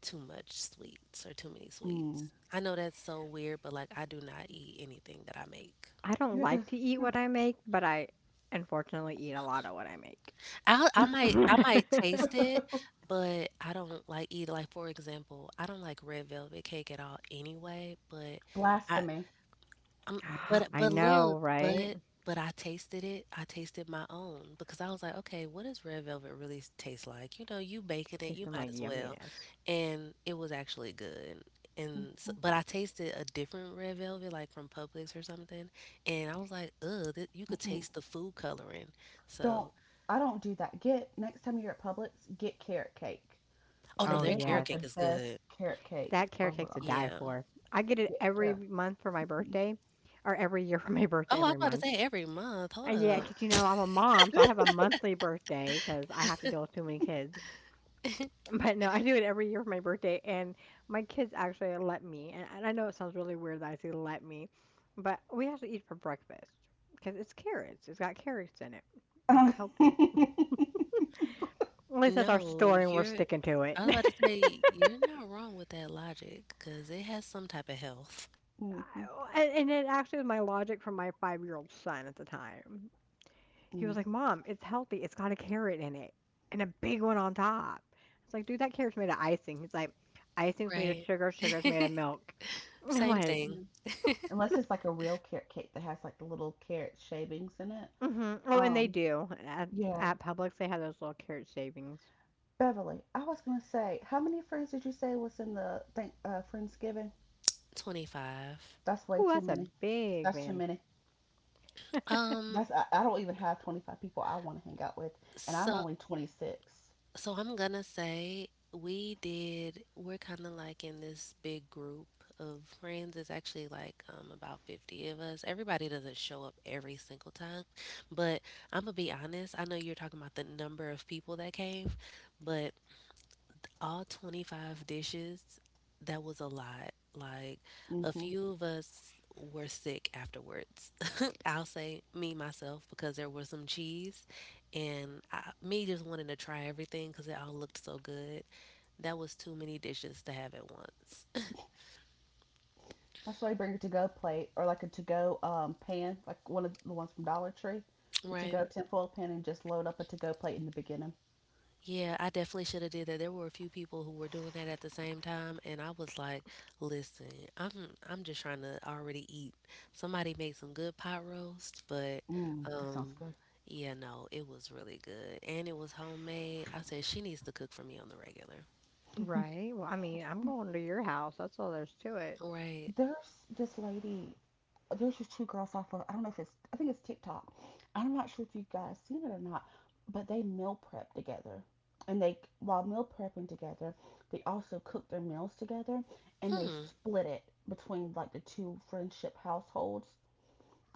Speaker 2: too much sweets or too many sweets.
Speaker 3: Mm.
Speaker 2: I know that's so weird, but like I do not eat anything that I make.
Speaker 1: I don't
Speaker 3: Yeah,
Speaker 1: like to eat
Speaker 3: yeah.
Speaker 1: what I make, but I unfortunately eat a lot of what I
Speaker 2: I I
Speaker 1: make.
Speaker 2: might I might taste it, but I don't like eat. Like for example, I don't like red velvet cake at all anyway, but I,
Speaker 3: Blasphemy.
Speaker 2: Um,
Speaker 1: I
Speaker 2: but
Speaker 1: know,
Speaker 2: look,
Speaker 1: right?
Speaker 2: but I tasted it. I tasted my own because I was like, okay, what does red velvet really taste like? You know, you baking it, you
Speaker 1: Tasting
Speaker 2: might
Speaker 1: like
Speaker 2: as well.
Speaker 1: yumminess.
Speaker 2: And it was actually good. And so,
Speaker 3: Mm-hmm.
Speaker 2: but I tasted a different red velvet, like from Publix or something, and I was like, ugh, you could
Speaker 3: Mm-mm.
Speaker 2: taste the food coloring.
Speaker 3: Don't.
Speaker 2: So,
Speaker 3: I don't do that. Get Next time you're at Publix, get carrot cake.
Speaker 2: oh no,
Speaker 1: Oh,
Speaker 3: If
Speaker 2: their
Speaker 3: they have
Speaker 1: yes.
Speaker 2: carrot
Speaker 3: the
Speaker 2: cake is
Speaker 3: best
Speaker 2: good.
Speaker 3: carrot cake.
Speaker 1: That carrot
Speaker 3: Oh my
Speaker 1: cake's to
Speaker 3: god.
Speaker 1: die
Speaker 2: Yeah.
Speaker 1: for. I get it every
Speaker 3: Yeah.
Speaker 1: month for my birthday or every year for my birthday
Speaker 2: Oh, I was
Speaker 1: every
Speaker 2: about to
Speaker 1: month.
Speaker 2: say every month.
Speaker 1: Uh,
Speaker 2: Hold
Speaker 1: yeah,
Speaker 2: up.
Speaker 1: 'cause, you know, I'm a mom, so I have a monthly birthday 'cause I have to deal with too many kids. But no, I do it every year for my birthday, and my kids actually let me. And I know it sounds really weird that I say let me, but we have to eat for breakfast 'cause it's carrots. It's got carrots in it. It's healthy. At least that's our
Speaker 2: No,
Speaker 1: story, and we're
Speaker 2: you're
Speaker 1: sticking to it.
Speaker 2: I was about to say you're not wrong with that logic 'cause it has some type of health.
Speaker 3: Mm-hmm.
Speaker 1: And, it actually was my logic from my 5-year old son at the time. He
Speaker 3: Mm.
Speaker 1: was like, "Mom, it's healthy. "It's got a carrot in it and a big one on top." It's like, "Dude, that carrot's made of icing." He's like, "Icing's made of
Speaker 2: Right.
Speaker 1: sugar. Sugar's made of milk." And I'm
Speaker 2: Same
Speaker 1: like,
Speaker 2: thing,
Speaker 3: Yeah. Unless it's like a real carrot cake that has like the little carrot shavings in it.
Speaker 1: "Oh, and they
Speaker 3: Um.
Speaker 1: do at
Speaker 3: Yeah.
Speaker 1: Publix. They have those little carrot shavings."
Speaker 3: Beverly, I was going to say, how many friends did you say was in the Friendsgiving?
Speaker 2: 25.
Speaker 3: That's way
Speaker 1: Ooh,
Speaker 3: too
Speaker 1: that's a
Speaker 3: many.
Speaker 1: big
Speaker 3: That's too
Speaker 1: man,
Speaker 3: many.
Speaker 2: Um,
Speaker 3: That's I don't even have 25 people I want to hang out with, and I'm
Speaker 2: so
Speaker 3: only 26.
Speaker 2: so I'm gonna say we did, we're kind of like in this big group of friends. It's actually like about 50 of us. Everybody doesn't show up every single time, but I'm gonna be honest, I know you're talking about the number of people that came, but all 25 dishes, that was a lot. Like a
Speaker 3: Mm-hmm.
Speaker 2: few of us were sick afterwards. I'll say me myself because there was some cheese and me just wanting to try everything because it all looked so good. That was too many dishes to have at once.
Speaker 3: That's why you bring a to-go plate or like a to-go pan, like one of the ones from Dollar Tree, the
Speaker 2: Right.
Speaker 3: to-go tinfoil pan, and just load up a to-go plate in the beginning.
Speaker 2: Yeah, I definitely should have did that. There were a few people who were doing that at the same time, and I was like, "Listen, I'm I'm just trying to already eat. Somebody made some good pot roast, but
Speaker 3: Mm, that sounds
Speaker 2: um,
Speaker 3: good.
Speaker 2: yeah, no, it was really good, and it was homemade. I said she needs to cook for me on the regular,
Speaker 1: right? Well, I mean, I'm going to your house. That's all there's to it.
Speaker 2: right?
Speaker 3: There's this lady There's just two girls off of I don't know if it's I think it's TikTok. I'm not sure if you guys seen it or not, but they meal prep together. And they while meal prepping together, they also cook their meals together and they
Speaker 2: Hmm,
Speaker 3: split it between like the two friendship households,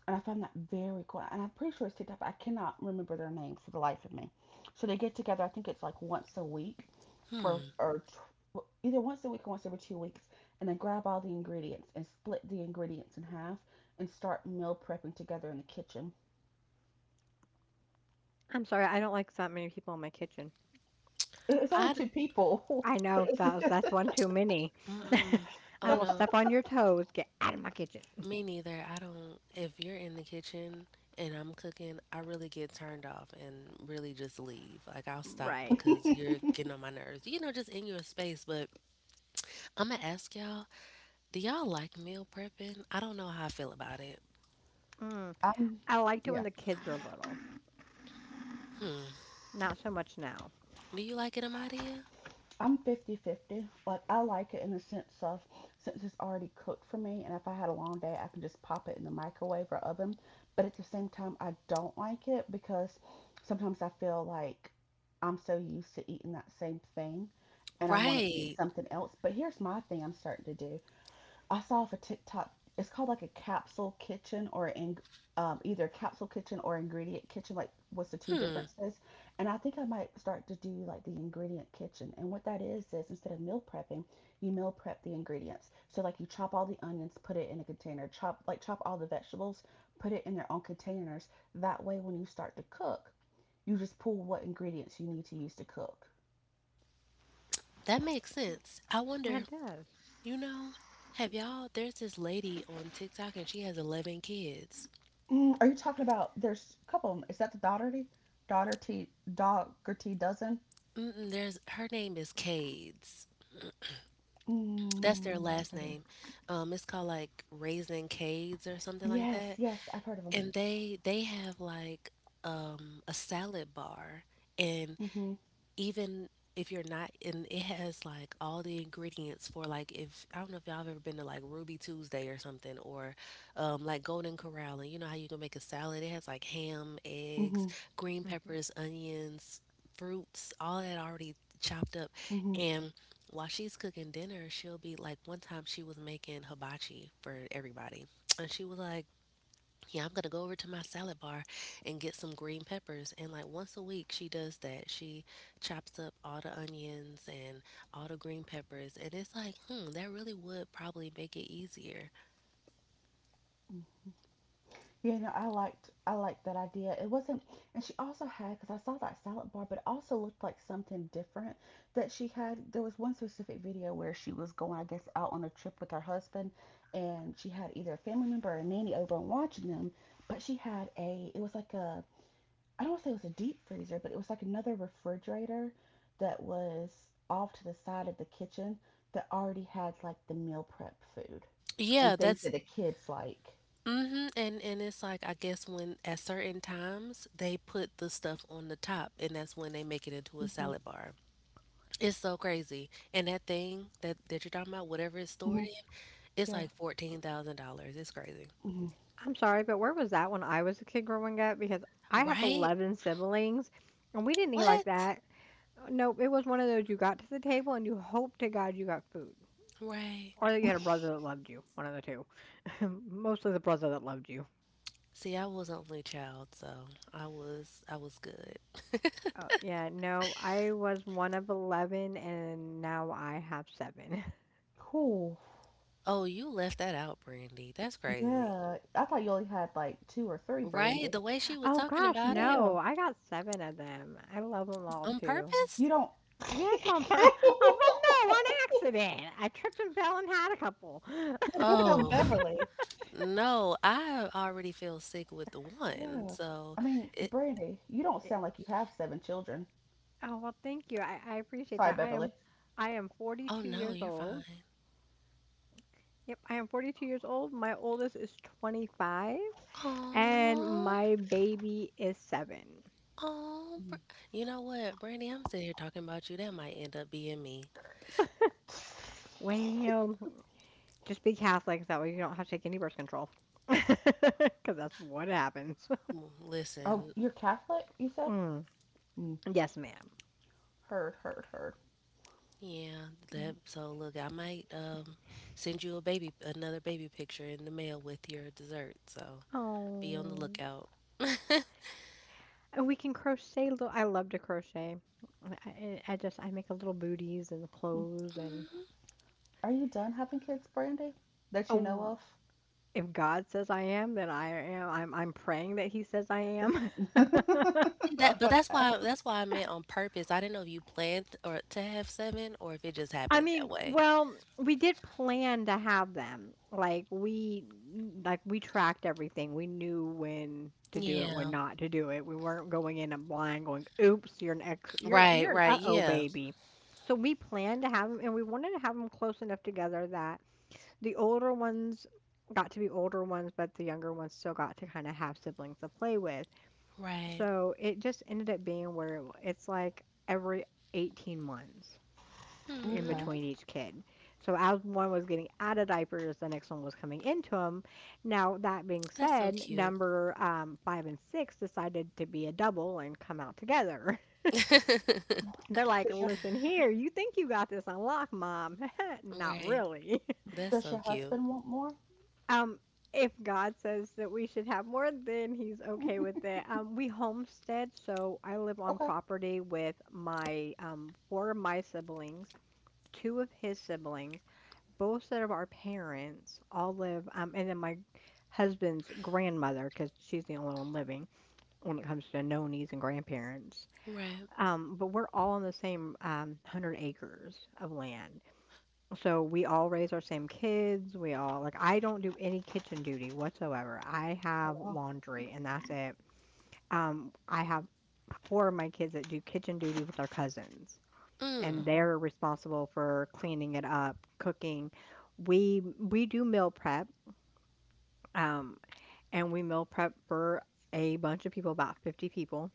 Speaker 3: and I found that very cool. And I'm pretty sure it's TikTok, I cannot remember their names for the life of me. So they get together, I think it's like once a week or,
Speaker 2: hmm.
Speaker 3: or tr- either once a week or once every 2 weeks. And then grab all the ingredients and split the ingredients in half and start meal prepping together in the kitchen.
Speaker 1: I'm sorry, I don't like that many people in my kitchen.
Speaker 3: It's only
Speaker 2: I
Speaker 3: two people.
Speaker 1: I know that's one too many.
Speaker 2: mm-mm.
Speaker 1: I
Speaker 2: Oh
Speaker 1: will
Speaker 2: no,
Speaker 1: step on your toes. Get out of my kitchen.
Speaker 2: me neither. I don't. If you're in the kitchen and I'm cooking, I really get turned off and really just leave. Like, I'll stop
Speaker 1: Right.
Speaker 2: because you're getting on my nerves. You know, just in your space. But I'm going to ask y'all, do y'all like meal prepping? I don't know how I feel about it.
Speaker 1: Mm.
Speaker 3: um,
Speaker 1: I liked it when
Speaker 3: yeah.
Speaker 1: the kids were little,
Speaker 2: Hmm.
Speaker 1: not so much now.
Speaker 2: Do you like it, Amadia?
Speaker 3: I'm 50/50, but I like it in the sense of since it's already cooked for me, and if I had a long day, I can just pop it in the microwave or oven. But at the same time, I don't like it because sometimes I feel like I'm so used to eating that same thing and I want to eat
Speaker 2: Right.
Speaker 3: something else. But here's my thing I'm starting to do I saw off a TikTok. It's called like a capsule kitchen either capsule kitchen or ingredient kitchen. Like, what's the two
Speaker 2: Hmm.
Speaker 3: differences? And I think I might start to do like the ingredient kitchen. And what that is instead of meal prepping, you meal prep the ingredients. So like you chop all the onions, put it in a container. Chop all the vegetables, put it in their own containers. That way, when you start to cook, you just pull what ingredients you need to use to cook.
Speaker 2: That makes sense. I wonder,
Speaker 1: It does.
Speaker 2: you know, have y'all, there's this lady on TikTok and she has 11 kids.
Speaker 3: Mm, are you talking about there's a couple of 'em. Is that the Doherty? Doherty Doherty dozen?
Speaker 2: Mm-mm, her name is Cades. That's their
Speaker 3: Mm,
Speaker 2: last
Speaker 3: regular.
Speaker 2: name. It's called like Raisin Cades or something like
Speaker 3: Yes,
Speaker 2: that.
Speaker 3: yes, I've heard of them.
Speaker 2: And they have like a salad bar, and
Speaker 3: Mhm.
Speaker 2: even if you're not, and it has like all the ingredients for, like, if I don't know if y'all have ever been to like Ruby Tuesday or something, or like Golden Corral, and you know how you can make a salad. It has like ham, eggs,
Speaker 3: Mhm.
Speaker 2: green
Speaker 1: Mhm.
Speaker 2: peppers, onions, fruits, all that already chopped up.
Speaker 3: Mhm.
Speaker 2: And while she's cooking dinner, she'll be like, one time she was making hibachi for everybody. And she was like, yeah, I'm gonna go over to my salad bar and get some green peppers. And like once a week, she does that. She chops up all the onions and all the green peppers. And it's like, that really would probably make it easier.
Speaker 3: Yeah, no, I liked that idea. It wasn't, and she also had because I saw that salad bar, but it also looked like something different that she had. There was one specific video where she was going, I guess, out on a trip with her husband, and she had either a family member or a nanny over and watching them. But she had a, it was like a I don't want to say it was a deep freezer, but it was like another refrigerator that was off to the side of the kitchen that already had like the meal prep food
Speaker 2: Yeah,
Speaker 3: and things
Speaker 2: that's
Speaker 3: that the kids like.
Speaker 2: mm-hmm. And it's like, I guess when at certain times they put the stuff on the top, and that's when they make it into a
Speaker 3: Hmm
Speaker 2: salad bar. It's so crazy. And that thing that you're talking about, whatever it's stored
Speaker 3: hmm
Speaker 2: in, it's
Speaker 3: Yeah.
Speaker 2: like $14,000. It's crazy,
Speaker 3: hmm
Speaker 1: I'm sorry, but where was that when I was a kid growing up? Because I have
Speaker 2: right?
Speaker 1: 11 siblings, and we didn't eat like
Speaker 2: What?
Speaker 1: that. No, it was one of those you got to the table and you hoped to God you got food,
Speaker 2: Right.
Speaker 1: or that you had a brother that loved you. One of the two. Mostly the brother that loved you.
Speaker 2: See, I was an only child, so I was good.
Speaker 1: Oh yeah, no, I was one of 11, and now I have seven.
Speaker 3: Cool.
Speaker 2: Oh, you left that out, Brandy. That's crazy.
Speaker 3: Yeah. I thought you only had like two or three,
Speaker 2: Right?
Speaker 3: Brandy.
Speaker 2: The way she was
Speaker 1: Oh
Speaker 2: talking
Speaker 1: gosh,
Speaker 2: about it,
Speaker 1: no,
Speaker 3: Yeah.
Speaker 1: I got 7 of them. I love them all
Speaker 2: on
Speaker 1: too.
Speaker 2: purpose?
Speaker 3: You don't.
Speaker 1: Yes, on pur oh, well, no, on accident. I tripped and fell and had a couple.
Speaker 2: Oh,
Speaker 3: Beverly.
Speaker 2: no, I already feel sick with the one.
Speaker 3: Yeah.
Speaker 2: So
Speaker 3: I mean,
Speaker 2: it,
Speaker 3: Brandy, you don't
Speaker 1: Eh,
Speaker 3: sound like you have seven children.
Speaker 1: Oh, well, thank you. I appreciate
Speaker 3: Sorry,
Speaker 1: that.
Speaker 3: Beverly.
Speaker 1: I am
Speaker 2: oh
Speaker 1: 42
Speaker 2: no,
Speaker 1: years
Speaker 2: you're
Speaker 1: old.
Speaker 2: fine.
Speaker 1: Yep, I am 42 years old. My oldest is 25, and
Speaker 2: Oh,
Speaker 1: my baby is 7.
Speaker 2: oh,
Speaker 3: Mm.
Speaker 2: you know what, Brandy, I'm sitting here talking about you. That might end up being me.
Speaker 1: Well, just be Catholic, so that way you don't have to take any birth control, because that's what happens.
Speaker 3: Oh,
Speaker 2: Listen,
Speaker 3: you're Catholic, you said?
Speaker 1: Mm.
Speaker 3: Mm.
Speaker 1: Yes, ma'am.
Speaker 3: Heard, heard, heard.
Speaker 2: yeah, that so look, I might send you a baby another baby picture in the mail with your dessert. So be on the
Speaker 1: Oh.
Speaker 2: lookout.
Speaker 1: And we can crochet little I love to crochet. I make a little booties and
Speaker 3: Mm.
Speaker 1: clothes, and
Speaker 2: Mhm.
Speaker 3: Are you done having kids, Brandy? That you know
Speaker 1: oh,
Speaker 3: of?
Speaker 1: if God says I am, then I am. I'm praying that He says I am.
Speaker 3: That's- I
Speaker 2: See, That
Speaker 3: was
Speaker 2: but
Speaker 3: about
Speaker 2: that's
Speaker 3: to
Speaker 2: why
Speaker 3: ask.
Speaker 2: that's why I meant on purpose. I didn't know if you planned or to have seven, or if it just
Speaker 1: I
Speaker 2: happened that
Speaker 1: mean,
Speaker 2: way.
Speaker 1: well, we did plan to have them. Like we tracked everything. We knew when to do it, when
Speaker 2: Yeah.
Speaker 1: not to do it. We weren't going in and blind, going, "Oops, you're an ex you're
Speaker 2: Right,
Speaker 1: you're an
Speaker 2: right.
Speaker 1: uh-oh
Speaker 2: Yeah.
Speaker 1: baby." So we planned to have them, and we wanted to have them close enough together that the older ones got to be older ones, but the younger ones still got to kind of have siblings to play with.
Speaker 2: Right.
Speaker 1: So it just ended up being where it's like every 18 months in
Speaker 2: Hmm.
Speaker 3: Okay.
Speaker 1: between each kid. So as one was getting out of diapers, the next one was coming into them. Now that being
Speaker 2: That's so
Speaker 1: said,
Speaker 2: cute.
Speaker 1: number five and six decided to be a double and come out together. They're like,
Speaker 3: Does your
Speaker 1: "Listen here, you think you got this unlocked, mom? Not
Speaker 2: Right.
Speaker 1: really."
Speaker 2: That's
Speaker 3: does your
Speaker 2: so cute.
Speaker 3: husband want more?
Speaker 1: um, if God says that we should have more, then He's okay
Speaker 3: Mhm.
Speaker 1: with it. We homestead, so I live on
Speaker 3: Okay.
Speaker 1: property with my four of my siblings, two of his siblings, both set of our parents all live, and then my husband's grandmother, because she's the only one living when it comes to nonies and grandparents.
Speaker 2: Right.
Speaker 1: But we're all on the same 100 acres of land. So we all raise our same kids. We all, like, I don't do any kitchen duty whatsoever. I have
Speaker 3: Oh wow.
Speaker 1: laundry, and that's it. I have four of my kids that do kitchen duty with their cousins, and
Speaker 2: Mm.
Speaker 3: Okay.
Speaker 1: they're responsible for cleaning it up, cooking. We do meal prep, um, and we meal prep for a bunch of people, about 50 people.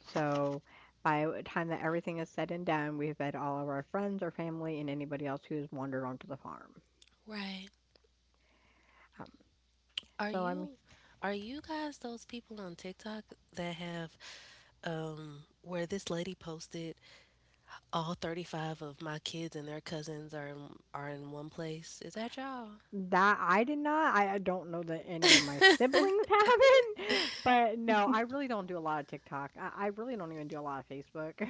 Speaker 1: So by the time that everything is said and done, we've fed all of our friends, our family, and anybody else who's wandered onto the farm.
Speaker 2: Right.
Speaker 1: Um,
Speaker 2: Are
Speaker 1: so I mean,
Speaker 2: you are you guys those people on TikTok that have, where this lady posted, all 35 of my kids and their cousins are in one place? Is that y'all?
Speaker 1: that I did not. I don't know that any of my siblings haven't, but no, I really don't do a lot of TikTok. I really don't even do a lot of Facebook.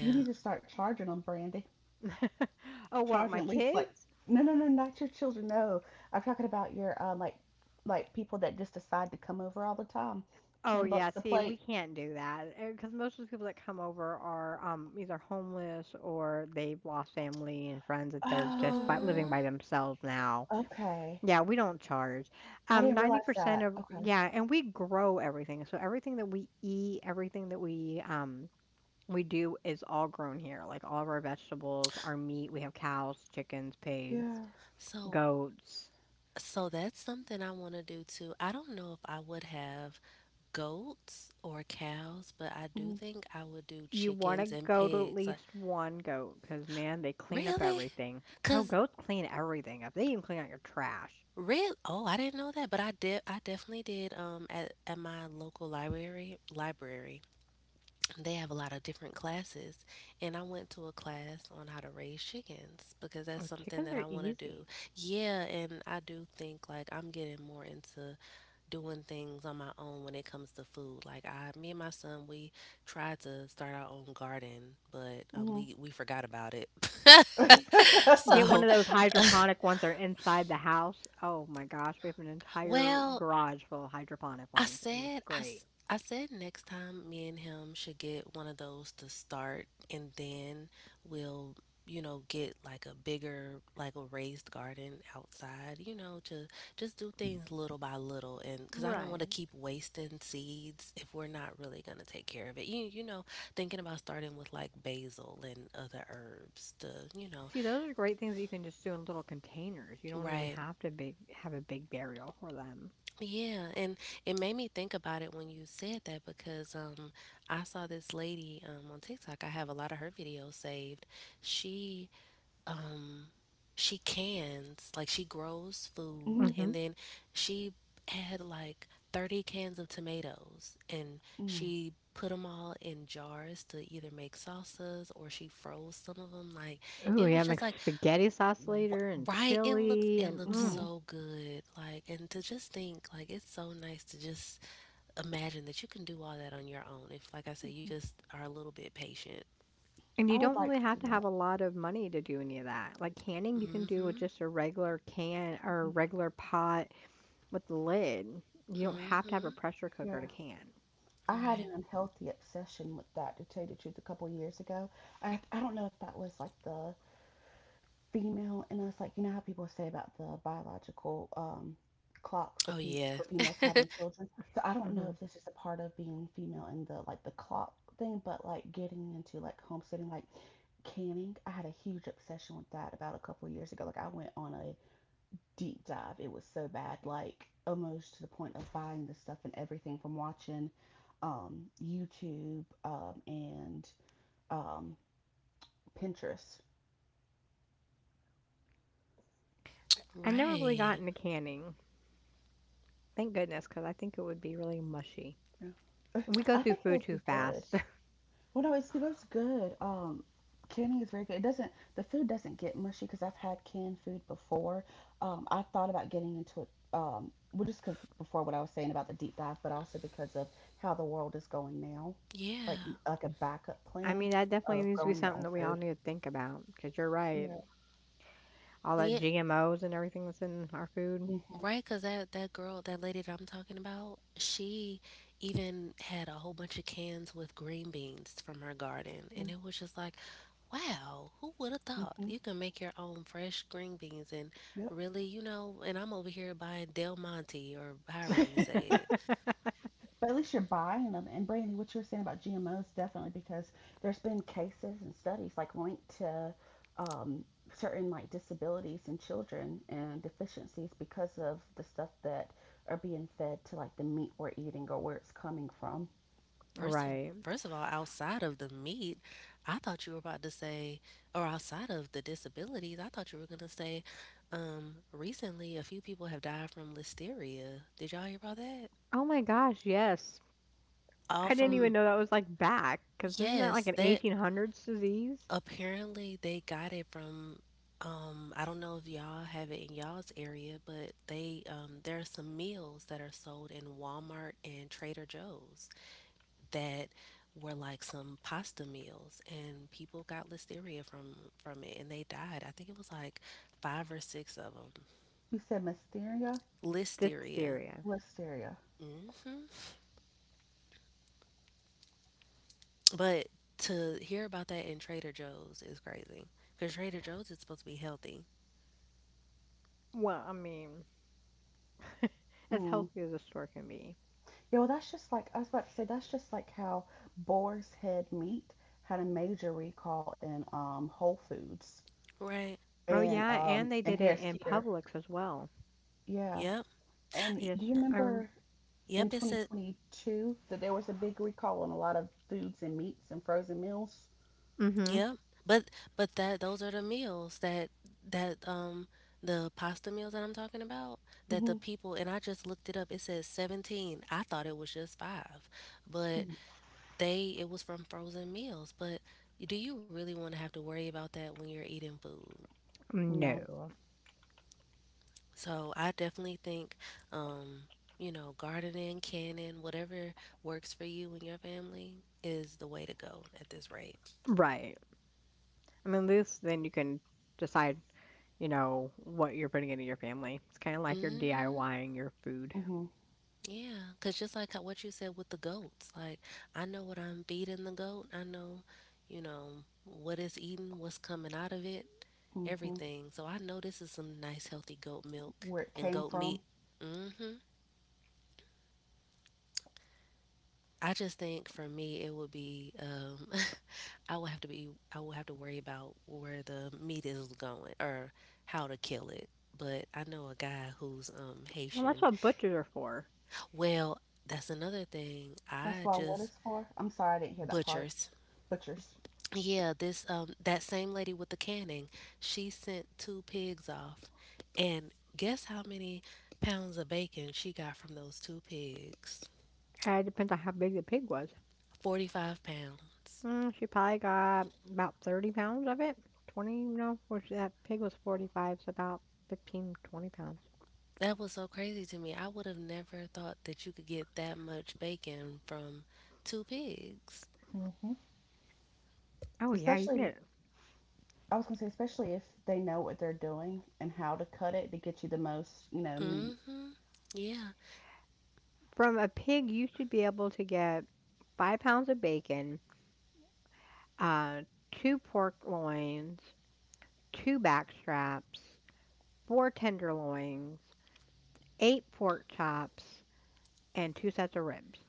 Speaker 3: You need to start charging them, Brandy.
Speaker 1: Oh, what?
Speaker 3: Charging
Speaker 1: My
Speaker 3: at least like
Speaker 1: kids?
Speaker 3: no no no not your children no. I'm talking about your like people that just decide to come over all the time.
Speaker 1: Oh,
Speaker 3: Ten
Speaker 1: yeah,
Speaker 3: bucks a
Speaker 1: see, we
Speaker 3: plate.
Speaker 1: can't do that, because most of the people that come over are, either homeless or they've lost family and friends that they're just by
Speaker 3: Oh.
Speaker 1: living
Speaker 2: Aww.
Speaker 1: by themselves now.
Speaker 3: Okay.
Speaker 1: Yeah, we don't charge.
Speaker 3: I didn't realize
Speaker 1: 90%
Speaker 3: that.
Speaker 1: of,
Speaker 3: Okay.
Speaker 1: yeah, and we grow everything, so everything that we eat, everything that we do is all grown here, like all of our vegetables, our meat. We have cows, chickens, pigs,
Speaker 3: Yeah.
Speaker 2: So
Speaker 1: goats.
Speaker 2: so that's something I want to do too. I don't know if I would have goats or cows, but I do
Speaker 3: Mhm.
Speaker 2: think I would do
Speaker 1: You want
Speaker 2: chickens
Speaker 1: to
Speaker 2: and
Speaker 1: goat at
Speaker 2: pigs. Like,
Speaker 1: least one goat, because man, they clean up
Speaker 2: really?
Speaker 1: everything. Oh,
Speaker 2: Cause
Speaker 1: goats clean everything up. They even clean out your trash.
Speaker 2: real. Oh, I didn't know that, but I did. I definitely did. At my local library, they have a lot of different classes, and I went to a class on how to raise chickens because that's
Speaker 1: Oh,
Speaker 2: something
Speaker 1: chickens
Speaker 2: that
Speaker 1: are
Speaker 2: I want to
Speaker 1: easy.
Speaker 2: do, yeah. And I do think like I'm getting more into doing things on my own when it comes to food. Like, I me and my son, we tried to start our own garden, but
Speaker 3: Mhm.
Speaker 2: we forgot about it.
Speaker 1: Get one
Speaker 2: So,
Speaker 1: of those hydroponic ones that are inside the house. Oh my gosh, we have an entire
Speaker 2: well,
Speaker 1: garage full of hydroponic ones, and it's great.
Speaker 2: I said next time me and him should get one of those to start, and then we'll, get like a bigger, like a raised garden, outside, you know, to just do things little by little, and cuz I don't want to
Speaker 1: Right.
Speaker 2: keep wasting seeds if we're not really going to take care of it. You know, thinking about starting with like basil and other herbs to, you know.
Speaker 1: See, those are great things that you can just do in little containers. You don't even
Speaker 2: Right.
Speaker 1: have a big burial for them.
Speaker 2: Yeah, and it made me think about it when you said that because I saw this lady on TikTok. I have a lot of her videos saved. She um she cans, like, she grows food,
Speaker 3: Mhm.
Speaker 2: and
Speaker 1: hmm
Speaker 2: then she had like 30 cans of tomatoes, and
Speaker 3: Mhm.
Speaker 2: she put them all in jars to either make salsas or she froze some of them. Like,
Speaker 1: Ooh,
Speaker 2: it was
Speaker 1: yeah, make
Speaker 2: just like,
Speaker 1: spaghetti sauce later and
Speaker 2: Right, it looked
Speaker 1: chili
Speaker 2: it looked
Speaker 3: Mhm.
Speaker 2: so good. Like, and to just think, like, it's so nice to just imagine that you can do all that on your own. If, like I said, you just are a little bit patient.
Speaker 1: And you
Speaker 3: I
Speaker 1: don't
Speaker 3: would
Speaker 1: really
Speaker 3: like to
Speaker 1: have
Speaker 3: do
Speaker 1: to have
Speaker 3: that.
Speaker 1: a lot of money to do any of that. Like canning, you can do with
Speaker 2: Mm-hmm.
Speaker 1: just a regular can or a
Speaker 3: Mhm.
Speaker 1: regular pot with the lid. You don't have to have a
Speaker 2: Mm-hmm.
Speaker 1: pressure cooker to
Speaker 3: Yeah.
Speaker 1: can.
Speaker 3: I had an
Speaker 2: Right.
Speaker 3: unhealthy obsession with that, to tell you the truth, a couple years ago. I don't know if that was like the female, and it's like, you know how people say about the biological clock for
Speaker 2: Oh
Speaker 3: pe
Speaker 2: yeah.
Speaker 3: for females having children. So I don't know
Speaker 1: Mhm.
Speaker 3: if this is a part of being female and the like the clock thing, but like getting into like homesteading, like canning. I had a huge obsession with that about a couple of years ago. Like I went on a deep dive. It was so bad, like almost to the point of buying the stuff and everything from watching YouTube and um, Pinterest.
Speaker 1: I never really got
Speaker 2: Right.
Speaker 1: into canning. Thank goodness, because I think it would be really mushy.
Speaker 3: Yeah.
Speaker 1: We go
Speaker 3: I
Speaker 1: through
Speaker 3: think it
Speaker 1: food
Speaker 3: would
Speaker 1: too
Speaker 3: be good.
Speaker 1: fast.
Speaker 3: Well, no, it's that's good. Canning is very good. It doesn't The food doesn't get mushy because I've had canned food before. I thought about getting into it. Well, just because before what I was saying about the deep dive, but also because of how the world is going now, like
Speaker 2: Yeah.
Speaker 3: like a backup
Speaker 1: I
Speaker 3: plan
Speaker 1: mean, that definitely
Speaker 3: of
Speaker 1: needs to be
Speaker 3: growing your
Speaker 1: something
Speaker 3: own
Speaker 1: that we
Speaker 3: food.
Speaker 1: all need to think about. Because 'cause you're right.
Speaker 3: Yeah.
Speaker 1: All that
Speaker 2: Yeah.
Speaker 1: GMOs and everything that's in our food.
Speaker 3: Mhm.
Speaker 2: Right, because that lady that I'm talking about, she even had a whole bunch of cans with green beans from her garden. And
Speaker 3: Mhm.
Speaker 2: it was just like, wow, who would have thought?
Speaker 3: mhm,
Speaker 2: You can make your own fresh green beans, and
Speaker 3: Yep.
Speaker 2: really, and I'm over here buying Del Monte or however you say.
Speaker 3: But at least you're buying them. And Brandy, what you were saying about GMOs, definitely because there's been cases and studies like linked to um, certain like disabilities in children and deficiencies because of the stuff that are being fed to like the meat we're eating or where it's coming from.
Speaker 2: First of
Speaker 1: Right.
Speaker 2: First of all, outside of the meat, I thought you were about to say, or outside of the disabilities, I thought you were gonna say, recently a few people have died from listeria. Did y'all hear about that?
Speaker 1: Oh my gosh, yes.
Speaker 2: All
Speaker 1: I didn't
Speaker 2: from
Speaker 1: even
Speaker 3: Mm-mm.
Speaker 1: know that was like back, because isn't that like
Speaker 2: yes,
Speaker 1: an
Speaker 2: that
Speaker 1: 1800s disease?
Speaker 2: apparently they got it from. I don't know if y'all have it in y'all's area, but they there are some meals that are sold in Walmart and Trader Joe's, that were like some pasta meals, and people got listeria from it, and they died. I think it was like five or six of them.
Speaker 3: You said Mysteria?
Speaker 2: Listeria.
Speaker 1: Diphtheria.
Speaker 3: Listeria.
Speaker 2: hmm But to hear about that in Trader Joe's is crazy, because Trader Joe's is supposed to be healthy,
Speaker 1: Well, I mean, as
Speaker 3: Mm.
Speaker 1: healthy as a store can be.
Speaker 3: Yeah, well, that's just like, I was about to say, that's just like how boar's head meat had a major recall in Whole Foods
Speaker 2: right?
Speaker 1: Oh yeah, and they
Speaker 3: and
Speaker 1: did it
Speaker 3: Harris
Speaker 1: in
Speaker 3: Teeter.
Speaker 1: Publix as well.
Speaker 3: Yeah.
Speaker 2: Yep. Y-
Speaker 3: Do you
Speaker 1: I remember.
Speaker 3: remember in
Speaker 2: Yep, it said.
Speaker 3: 2022 that there was a big recall on a lot of foods and meats and frozen meals?
Speaker 1: Mm-hmm.
Speaker 2: Yep. But but that those are the meals, that that the pasta meals that I'm talking about, that the
Speaker 3: Mm-hmm.
Speaker 2: people, and I just looked it up. It says 17. I thought it was just 5. But
Speaker 3: hmm
Speaker 2: they it was from frozen meals, but do you really want to have to worry about that when you're eating food?
Speaker 3: No.
Speaker 1: No.
Speaker 2: So I definitely think, um gardening, canning, whatever works for you and your family is the way to go at this rate.
Speaker 1: Right. I mean, at least then you can decide, you know, what you're putting into your family. It's kind of like you're
Speaker 2: Mhm.
Speaker 1: DIYing your food.
Speaker 3: Mm-hmm.
Speaker 2: Yeah, cause just like what you said with the goats, like, I know what I'm feeding the goat. I know, what it's eating, what's coming out of it,
Speaker 3: Mm-hmm.
Speaker 2: everything. So I know this is some nice healthy goat milk
Speaker 3: Where it
Speaker 2: and
Speaker 3: came
Speaker 2: goat meat.
Speaker 3: from.
Speaker 2: Mm hmm. I just think for me it would be I would have to worry about where the meat is going or how to kill it. But I know a guy who's
Speaker 1: Well, that's
Speaker 2: Haitian.
Speaker 1: what butchers are for.
Speaker 2: Well, that's another thing.
Speaker 3: That's
Speaker 2: I
Speaker 3: why what
Speaker 2: just
Speaker 3: it's for. I'm sorry I didn't hear that part.
Speaker 2: butchers.
Speaker 3: Butchers.
Speaker 2: Yeah, this that same lady with the canning, she sent two pigs off. And guess how many pounds of bacon she got from those two pigs?
Speaker 1: And it depends on how big the pig was.
Speaker 2: 45 pounds.
Speaker 1: Mm, she probably got about 30 pounds of it. 20, you know, which that pig was 45, so about 15, 20 pounds.
Speaker 2: That was so crazy to me. I would have never thought that you could get that much bacon from two pigs.
Speaker 3: Mm-hmm.
Speaker 1: Oh yeah, you can
Speaker 3: Especially,
Speaker 1: get
Speaker 3: I was gonna say, especially if they know what they're doing and how to cut it to get you the most, you know, meat.
Speaker 2: Mhm. Yeah.
Speaker 1: From a pig, you should be able to get 5 pounds of bacon, uh, two pork loins, two back straps, four tenderloins, eight pork chops, and two sets of ribs.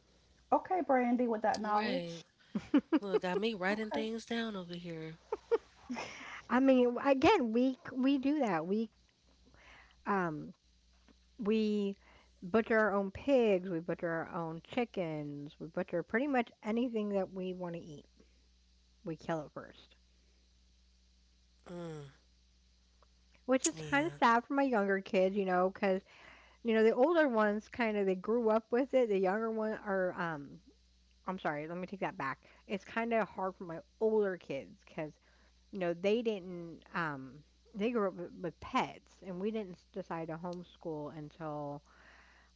Speaker 3: Okay, Brandy, with that
Speaker 2: Right.
Speaker 3: knowledge.
Speaker 2: Look, got me writing
Speaker 3: Okay.
Speaker 2: things down over here.
Speaker 1: I mean, again, we do that. Um We butcher our own pigs, we butcher our own chickens, we butcher pretty much anything that we want to eat. We kill it first.
Speaker 2: Mm,
Speaker 1: Which is kind of
Speaker 2: yeah.
Speaker 1: sad for my younger kids, you know, because, you know, the older ones kind of they grew up with it. The younger one are, I'm sorry, let me take that back. It's kind of hard for my older kids because, you know, they didn't, they grew up with, pets, and we didn't decide to homeschool until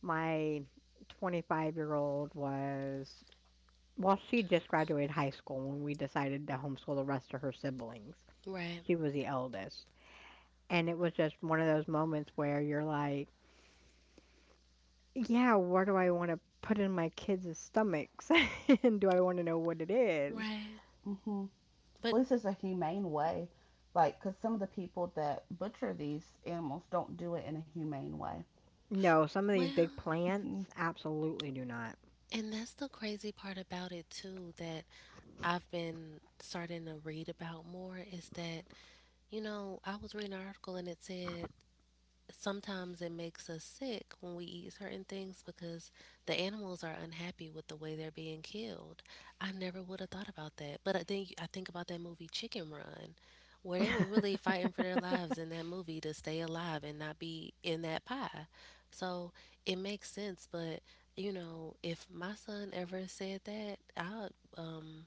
Speaker 1: my 25-year-old was. Well, she just graduated high school when we decided to homeschool the rest of her siblings.
Speaker 2: Right.
Speaker 1: She was the eldest. And it was just one of those moments where you're like, yeah, where do I want to put in my kids' stomachs? and do I want to know what it is?
Speaker 2: Right.
Speaker 3: hmm
Speaker 2: But
Speaker 3: At least it's a humane way. Like, because some of the people that butcher these animals don't do it in a humane way.
Speaker 1: No, some of these
Speaker 2: well,
Speaker 1: big
Speaker 3: Hmm
Speaker 1: plants absolutely do not.
Speaker 2: And that's the crazy part about it too, that I've been starting to read about more, is that, I was reading an article and it said sometimes it makes us sick when we eat certain things because the animals are unhappy with the way they're being killed. I never would have thought about that. But I think about that movie Chicken Run, where they were really fighting for their lives in that movie to stay alive and not be in that pie. So it makes sense, but if my son ever said that, um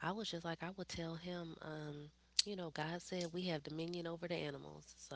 Speaker 2: I was just like, I would tell him, God said we have dominion over the animals. So,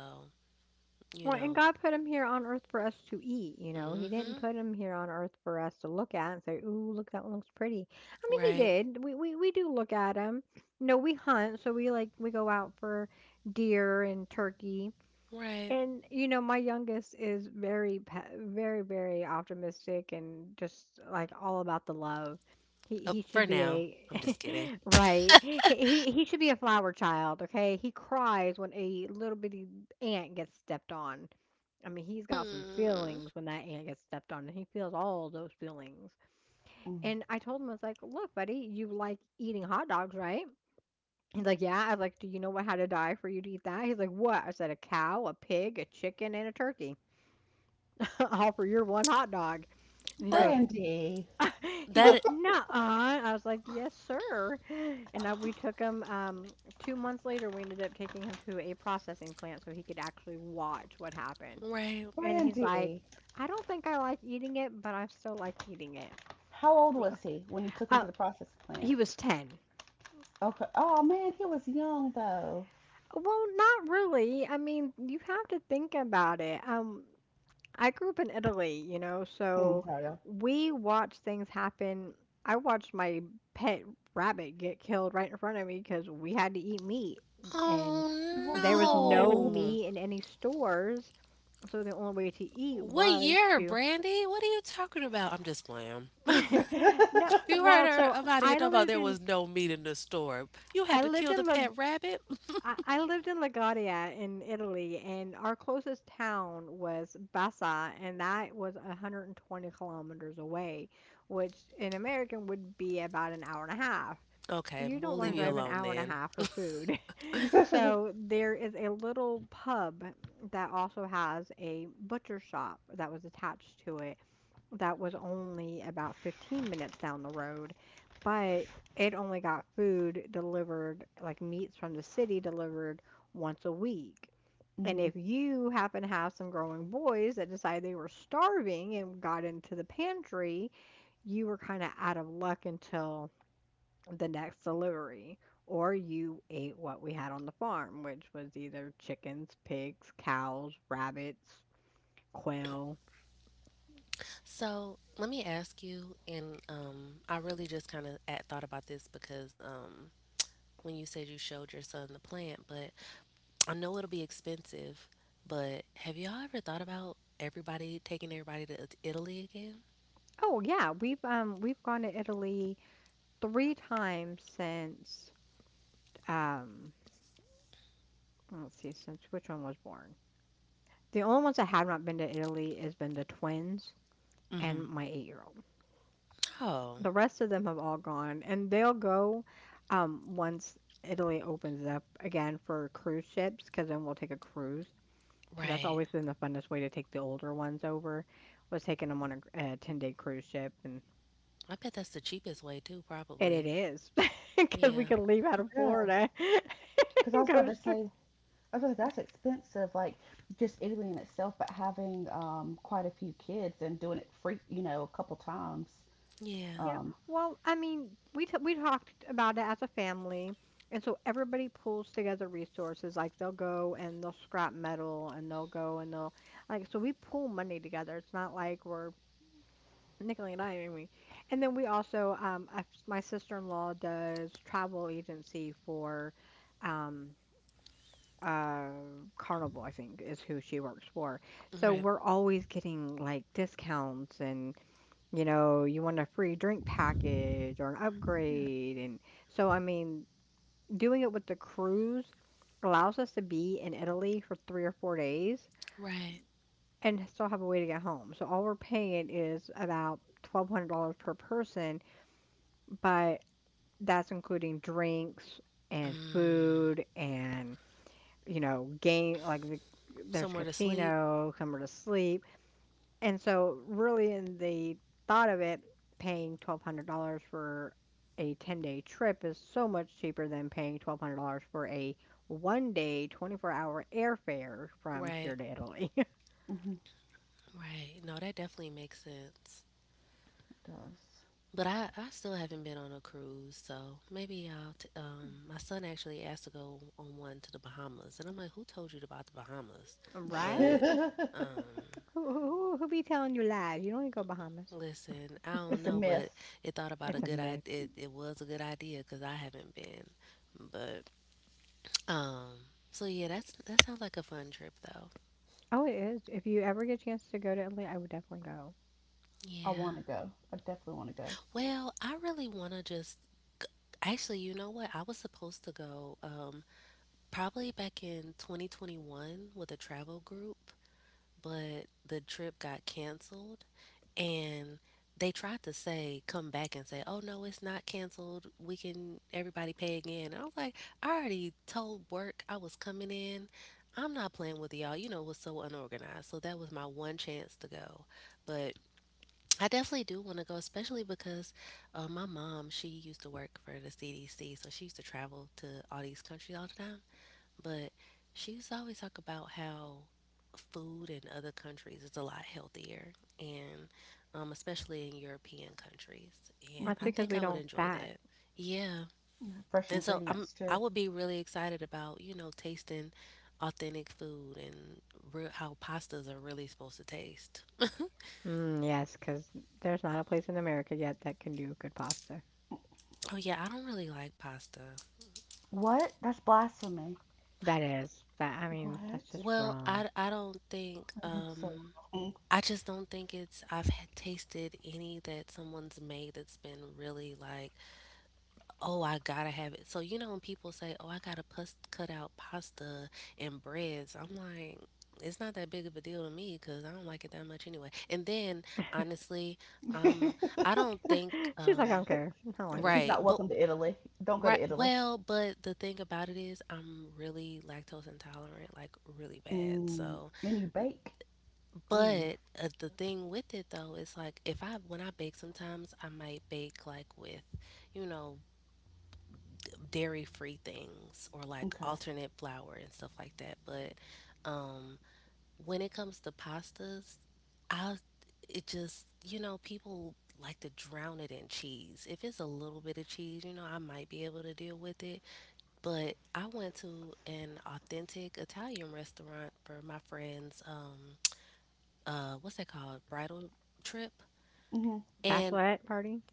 Speaker 2: you
Speaker 1: Well, and
Speaker 2: know,
Speaker 1: God put him here on earth for us to eat, you know. He didn't
Speaker 2: hmm
Speaker 1: put him here on earth for us to look at and say, "Ooh, look, that one looks pretty." I mean, he
Speaker 2: Right.
Speaker 1: did. We do look at him. You know, we hunt, so we, like, we go out for deer and turkey.
Speaker 2: Right.
Speaker 1: And you know, my youngest is very very optimistic and just like all about the love. He
Speaker 2: Oh,
Speaker 1: he
Speaker 2: for
Speaker 1: should be
Speaker 2: now. I'm just kidding.
Speaker 1: a right. He should be a flower child, okay? He cries when a little bitty ant gets stepped on. I mean, he's got some
Speaker 2: Hmm.
Speaker 1: feelings when that ant gets stepped on, and he feels all those feelings. And I told him, I was like, "Look, buddy, you like eating hot dogs, right?" He's like, "Yeah." I was like, "Do you know what had to die for you to eat that?" He's like, "What?" I said, "A cow, a pig, a chicken, and a turkey, all for your one hot dog." And he
Speaker 2: That
Speaker 1: goes,
Speaker 3: Brandy,
Speaker 1: he goes,
Speaker 2: that
Speaker 1: "Nuh." I was like, "Yes, sir." And we took him, 2 months later, we ended up taking him to a processing plant so he could actually watch what happened.
Speaker 2: right.
Speaker 1: And he's like,
Speaker 3: Brandy,
Speaker 1: "I don't think I like eating it, but I still like eating it."
Speaker 3: how old
Speaker 1: Uh,
Speaker 3: was he when you took him
Speaker 1: uh,
Speaker 3: to the processing plant?
Speaker 1: he was 10.
Speaker 3: Okay. Oh man, he was young though.
Speaker 1: Well, not really. I mean, you have to think about it. I grew up in Italy, you know,
Speaker 3: Mm,
Speaker 1: so
Speaker 3: hell yeah.
Speaker 1: we watch things happen. I watched my pet rabbit get killed right in front of me because we had to eat meat, and
Speaker 2: Oh
Speaker 3: Oh
Speaker 1: there was no
Speaker 3: no.
Speaker 2: no.
Speaker 1: meat in any stores, so the only way to eat
Speaker 2: What
Speaker 1: was
Speaker 2: year,
Speaker 1: to.
Speaker 2: Brandy? What are you talking about? I'm just playing.
Speaker 1: No,
Speaker 2: You heard
Speaker 1: well,
Speaker 2: her
Speaker 1: so
Speaker 2: about it talking about there was no meat in the store. You
Speaker 1: I
Speaker 2: had to
Speaker 1: lived
Speaker 2: kill
Speaker 1: in
Speaker 2: the
Speaker 1: La
Speaker 2: pet rabbit.
Speaker 1: I lived in Liguria in Italy, and our closest town was Bassa, and that was 120 kilometers away, which in American would be about an hour and a half.
Speaker 2: Okay,
Speaker 1: You don't
Speaker 2: we'll
Speaker 1: want to
Speaker 2: leave you
Speaker 3: mm.
Speaker 1: drive an
Speaker 2: alone
Speaker 1: hour and a
Speaker 2: then.
Speaker 1: half for food. So there is a little pub that also has a butcher shop that was attached to it, that was only about 15 minutes down the road, but it only got food delivered, like meats from the city delivered once a week. And
Speaker 3: hmm
Speaker 1: if you happen to have some growing boys that decided they were starving and got into the pantry, you were kind of out of luck until the next delivery. Or you ate what we had on the farm, which was either chickens, pigs, cows, rabbits, quail.
Speaker 2: So let me ask you, and I really just kind of thought about this because when you said you showed your son the plant, but I know it'll be expensive, but have y'all ever thought about everybody taking everybody to Italy again?
Speaker 1: Oh yeah, we've gone to Italy three times since um let's see since which one was born. The only ones that have not been to Italy has been the twins
Speaker 2: Mm-hmm.
Speaker 1: and my 8-year-old old.
Speaker 2: Oh,
Speaker 1: The rest of them have all gone and they'll go once Italy opens up again for cruise ships, because then we'll take a cruise because that's
Speaker 2: right.
Speaker 1: always been the funnest way to take the older ones over, was taking them on a 10-day cruise ship,
Speaker 2: I bet that's the cheapest way too,
Speaker 1: and it
Speaker 2: probably.
Speaker 1: is because we
Speaker 2: Yeah,
Speaker 1: can leave out of
Speaker 3: Yeah,
Speaker 1: Florida
Speaker 3: because I
Speaker 1: and
Speaker 3: was about
Speaker 1: go.
Speaker 3: to say I was like that's expensive, like just Italy in itself, but having quite a few kids and doing it free, you know, a couple times.
Speaker 2: yeah.
Speaker 1: Yeah.
Speaker 3: Um,
Speaker 1: Well, I mean, we talked about it as a family, and so everybody pulls together resources. Like they'll go and they'll scrap metal, and they'll go and they'll, like, so we pull money together. It's not like we're nickeling and diming me. And then we also, I, my sister-in-law does travel agency for, um, uh, Carnival, I think, is who she works for. So
Speaker 2: Right,
Speaker 1: we're always getting like discounts and, you know, you want a free drink package or an
Speaker 3: yeah,
Speaker 1: upgrade. And so, I mean, doing it with the cruise allows us to be in Italy for 3 or 4 days
Speaker 2: right.
Speaker 1: and still have a way to get home. So, all we're paying is about $1,200 per person, but that's including drinks and
Speaker 2: Mm,
Speaker 1: food and, you know, game, like, the, there's
Speaker 2: somewhere to sleep.
Speaker 1: casino, somewhere to sleep. And so really in the thought of it, paying $1,200 for a 10-day trip is so much cheaper than paying $1,200 for a one-day, 24-hour airfare from
Speaker 2: Right,
Speaker 1: here to Italy.
Speaker 3: hmm
Speaker 2: right. No, that definitely makes sense.
Speaker 3: it
Speaker 2: But I still haven't been on a cruise, so maybe I'll. My son actually asked to go on one to the Bahamas, and I'm like, "Who told you about the Bahamas?" But
Speaker 1: Right?
Speaker 3: does.
Speaker 2: um,
Speaker 1: Who be telling you lies? You don't need to go Bahamas.
Speaker 2: listen, I
Speaker 3: It's
Speaker 2: don't
Speaker 3: a
Speaker 2: know, but
Speaker 3: myth.
Speaker 2: it thought about
Speaker 1: It's
Speaker 2: a
Speaker 1: a
Speaker 2: good
Speaker 1: myth.
Speaker 2: idea. It was a good idea because I haven't been, but um. So yeah, that's that sounds like a fun trip though.
Speaker 1: Oh, it is. If you ever get a chance to go to Italy, I would definitely go.
Speaker 3: I want to
Speaker 2: Yeah.
Speaker 3: go. I definitely want to go.
Speaker 2: Well, I really want to just actually, you know what? I was supposed to go probably back in 2021 with a travel group, but the trip got canceled and they tried to say come back and say oh no it's not canceled we can everybody pay again and I was like I already told work I was coming in I'm not playing with y'all you know it was so unorganized so that was my one chance to go but I definitely do want to go especially because my mom she used to work for the CDC so she used to travel to all these countries all the time but she used to always talk about how food in other countries is a lot healthier, and especially in European countries. And
Speaker 1: That's
Speaker 2: I
Speaker 3: Hmm
Speaker 1: because
Speaker 2: think
Speaker 1: we
Speaker 2: I would
Speaker 1: don't
Speaker 2: enjoy
Speaker 1: fat.
Speaker 2: that. Yeah.
Speaker 3: Fresh
Speaker 2: And so I'm
Speaker 3: ingredients too.
Speaker 2: I would be really excited about, you know, tasting authentic food and how pastas are really supposed to taste.
Speaker 1: Mm, yes, because there's not a place in America yet that can do good pasta.
Speaker 2: Oh yeah, I don't really like pasta.
Speaker 3: What? That's blasphemy.
Speaker 1: That is that. I mean, that's
Speaker 3: What?
Speaker 1: just
Speaker 2: Well,
Speaker 1: wrong.
Speaker 2: I don't think
Speaker 3: I'm so Wrong.
Speaker 2: I just don't think it's I've had tasted any that someone's made that's been really like oh, I gotta have it. So you know when people say, "Oh, I gotta cut out pasta and breads," I'm like, it's not that big of a deal to me because I don't like it that much anyway. And then honestly, um, I don't think
Speaker 1: She's like, I don't care. I don't like it.
Speaker 3: She's
Speaker 2: right,
Speaker 3: not
Speaker 2: but
Speaker 3: welcome to Italy. Don't go
Speaker 2: right,
Speaker 3: to Italy.
Speaker 2: well, but the thing about it is, I'm really lactose intolerant, like really bad.
Speaker 3: Mm.
Speaker 2: So,
Speaker 3: And you bake. Ooh.
Speaker 2: but the thing with it though is like if I when I bake, sometimes I might bake like with, you know, dairy free things or like
Speaker 3: Okay.
Speaker 2: alternate flour and stuff like that. But um, when it comes to pastas, I it just you know people like to drown it in cheese. If it's a little bit of cheese, you know I might be able to deal with it. But I went to an authentic Italian restaurant for my friend's what's that called bridal trip,
Speaker 3: hmm
Speaker 2: and
Speaker 1: Bachelorette party.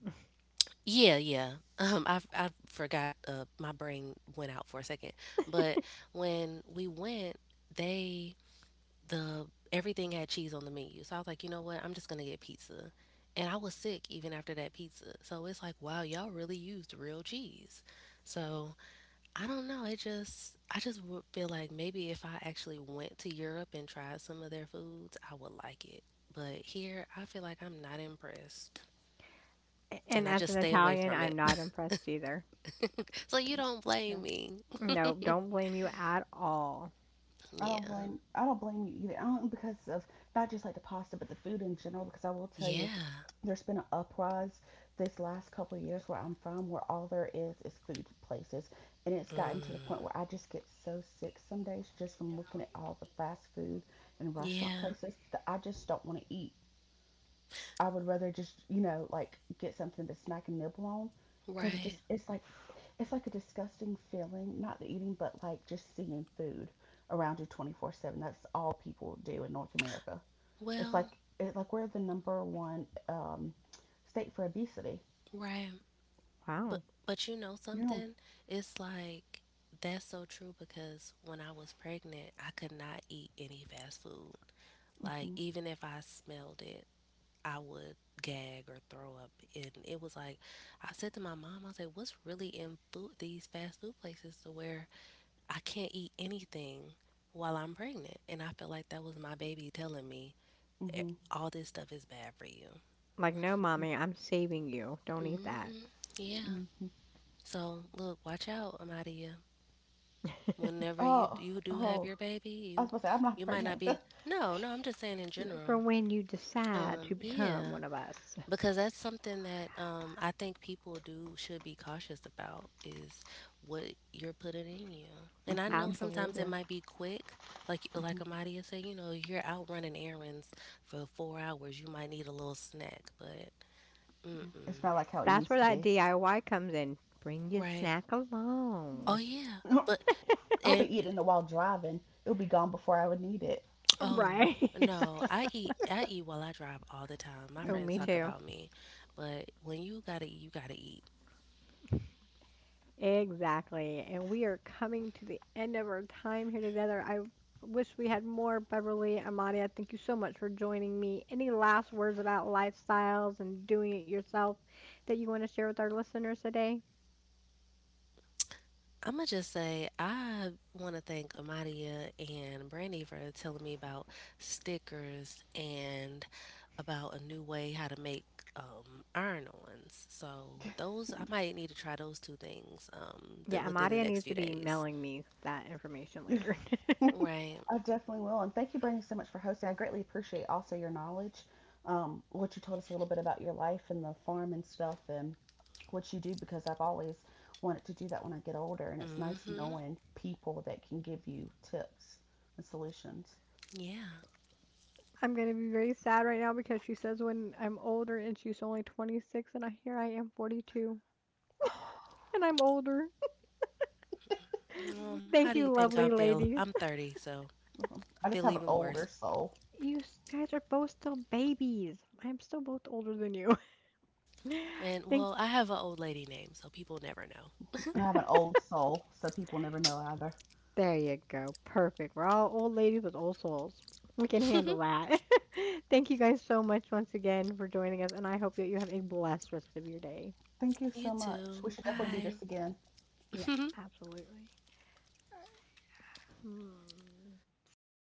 Speaker 2: yeah, yeah. I forgot. My brain went out for a second. But when we went, they the everything had cheese on the menu. So I was like, you know what? I'm just gonna get pizza. And I was sick even after that pizza. So it's like, wow, y'all really used real cheese. So I don't know. It just I just would feel like maybe if I actually went to Europe and tried some of their foods, I would like it. But here, I feel like I'm not impressed,
Speaker 1: A-
Speaker 2: and
Speaker 1: And
Speaker 2: I
Speaker 1: as
Speaker 2: just
Speaker 1: an
Speaker 2: stay away
Speaker 1: Italian,
Speaker 2: from
Speaker 1: I'm
Speaker 2: it.
Speaker 1: not impressed either.
Speaker 2: So you don't
Speaker 3: Yeah.
Speaker 2: blame me.
Speaker 1: No, don't blame you at all.
Speaker 2: Yeah.
Speaker 3: I don't blame you either. I don't because of not just like the pasta, but the food in general. Because I will tell you,
Speaker 2: Yeah.
Speaker 3: there's been an uprise this last couple of years where I'm from, where all there is food places, and it's gotten to the
Speaker 2: Mm.
Speaker 3: point where I just get so sick some days just from looking at all the fast food and restaurant
Speaker 2: Yeah.
Speaker 3: places that I just don't want to eat. I would rather just, you know, like get something to smack and nibble on because
Speaker 2: Right.
Speaker 3: it's like a disgusting feeling, not the eating, but like just seeing food around you 24/7. That's all people do in North America.
Speaker 2: Well,
Speaker 3: Like we're the number one state for obesity.
Speaker 2: right.
Speaker 1: Wow.
Speaker 2: But you know
Speaker 3: Yeah.
Speaker 2: something? It's like that's so true because when I was pregnant, I could not eat any fast food. Like
Speaker 3: hmm
Speaker 2: even if I smelled it, I would gag or throw up. And it was like I said to my mom, I was like, "What's really in food? These fast food places to where I can't eat anything while I'm pregnant. And I feel like that was my baby telling me "Eh,
Speaker 3: hmm
Speaker 2: all this stuff is bad for you.
Speaker 1: Like, no, mommy, I'm saving you. Don't eat that.
Speaker 2: Hmm. Yeah.
Speaker 3: hmm hmm
Speaker 2: So look, watch out, Amadia. Whenever you
Speaker 3: Oh,
Speaker 2: you do have
Speaker 3: oh.
Speaker 2: your baby,
Speaker 3: I
Speaker 2: you
Speaker 3: was supposed to say, I'm not
Speaker 2: you might not
Speaker 3: pregnant.
Speaker 2: be. No, no. I'm just saying in
Speaker 1: For
Speaker 2: general.
Speaker 1: when you decide to become
Speaker 2: Yeah.
Speaker 1: one of us.
Speaker 2: Because that's something that I think people do should be cautious about is what you're putting in you. And I
Speaker 3: hmm
Speaker 2: know
Speaker 3: You, c-
Speaker 2: sometimes it
Speaker 1: Absolutely.
Speaker 3: yeah.
Speaker 2: might be quick, like
Speaker 3: hmm
Speaker 2: Amadia said, you know, you're out running errands for 4 hours, you might need a little snack, but mm
Speaker 3: Yeah.
Speaker 2: mm,
Speaker 3: It's not like how it
Speaker 1: That's where
Speaker 3: used to
Speaker 1: that
Speaker 3: be.
Speaker 1: DIY comes in. Bring your
Speaker 2: right?
Speaker 1: snack
Speaker 2: Oh
Speaker 1: along.
Speaker 2: yeah, but
Speaker 3: I'll
Speaker 2: and
Speaker 3: be eating it while driving. It'll be gone before I would need it.
Speaker 2: oh
Speaker 1: Right.
Speaker 2: no, I eat while I drive all the time. My
Speaker 1: Oh,
Speaker 2: friends
Speaker 1: me
Speaker 3: Hmm
Speaker 2: talk
Speaker 1: too.
Speaker 2: about me, but when you gotta eat, you gotta eat.
Speaker 1: Exactly. And we are coming to the end of our time here together. I wish we had more Beverly Amadia. Thank you so much for joining me. Any last words about lifestyles and doing it yourself that you want to share with our listeners today?
Speaker 2: I'm gonna just say I want to thank Amadia and Brandy for telling me about stickers and about a new way how to make iron-ons. So those I might need to try those two things
Speaker 1: Yeah,
Speaker 2: within the
Speaker 1: Amadia
Speaker 2: next
Speaker 1: needs
Speaker 2: few
Speaker 1: to be
Speaker 2: days.
Speaker 1: mailing me that information later.
Speaker 3: I
Speaker 2: Right.
Speaker 3: definitely will. And thank you, Brittany, so much for hosting. I greatly appreciate also your knowledge, what you told us a little bit about your life and the farm and stuff and what you do, because I've always wanted to do that when I get older. And it's nice
Speaker 2: Mm-hmm.
Speaker 3: knowing people that can give you tips and solutions.
Speaker 2: Yeah.
Speaker 1: I'm going to be very sad right now because she says when I'm older, and she's only 26, and I, here I am 42 and I'm older.
Speaker 2: How do
Speaker 1: Thank
Speaker 2: you
Speaker 1: you,
Speaker 2: think I
Speaker 1: lovely
Speaker 2: feel? I'm
Speaker 1: ladies.
Speaker 2: 30, so
Speaker 3: Oh,
Speaker 2: I
Speaker 3: I
Speaker 2: feel
Speaker 3: just have an
Speaker 2: even worse.
Speaker 3: older soul,
Speaker 1: You guys are both still babies. I'm still both older than you.
Speaker 2: And well,
Speaker 1: Think
Speaker 2: I have an old lady name, so people never
Speaker 3: and I have an old soul, so people never know either.
Speaker 1: there you go. Perfect. We're all old ladies with old souls. We can
Speaker 2: know.
Speaker 1: handle that. Thank you guys so much once again for joining us, and I hope that you have a blessed rest of your day.
Speaker 3: Thank you
Speaker 2: You
Speaker 3: so much.
Speaker 2: too.
Speaker 3: We should definitely
Speaker 2: Bye.
Speaker 3: do this again.
Speaker 1: Yeah, absolutely. Um, stop.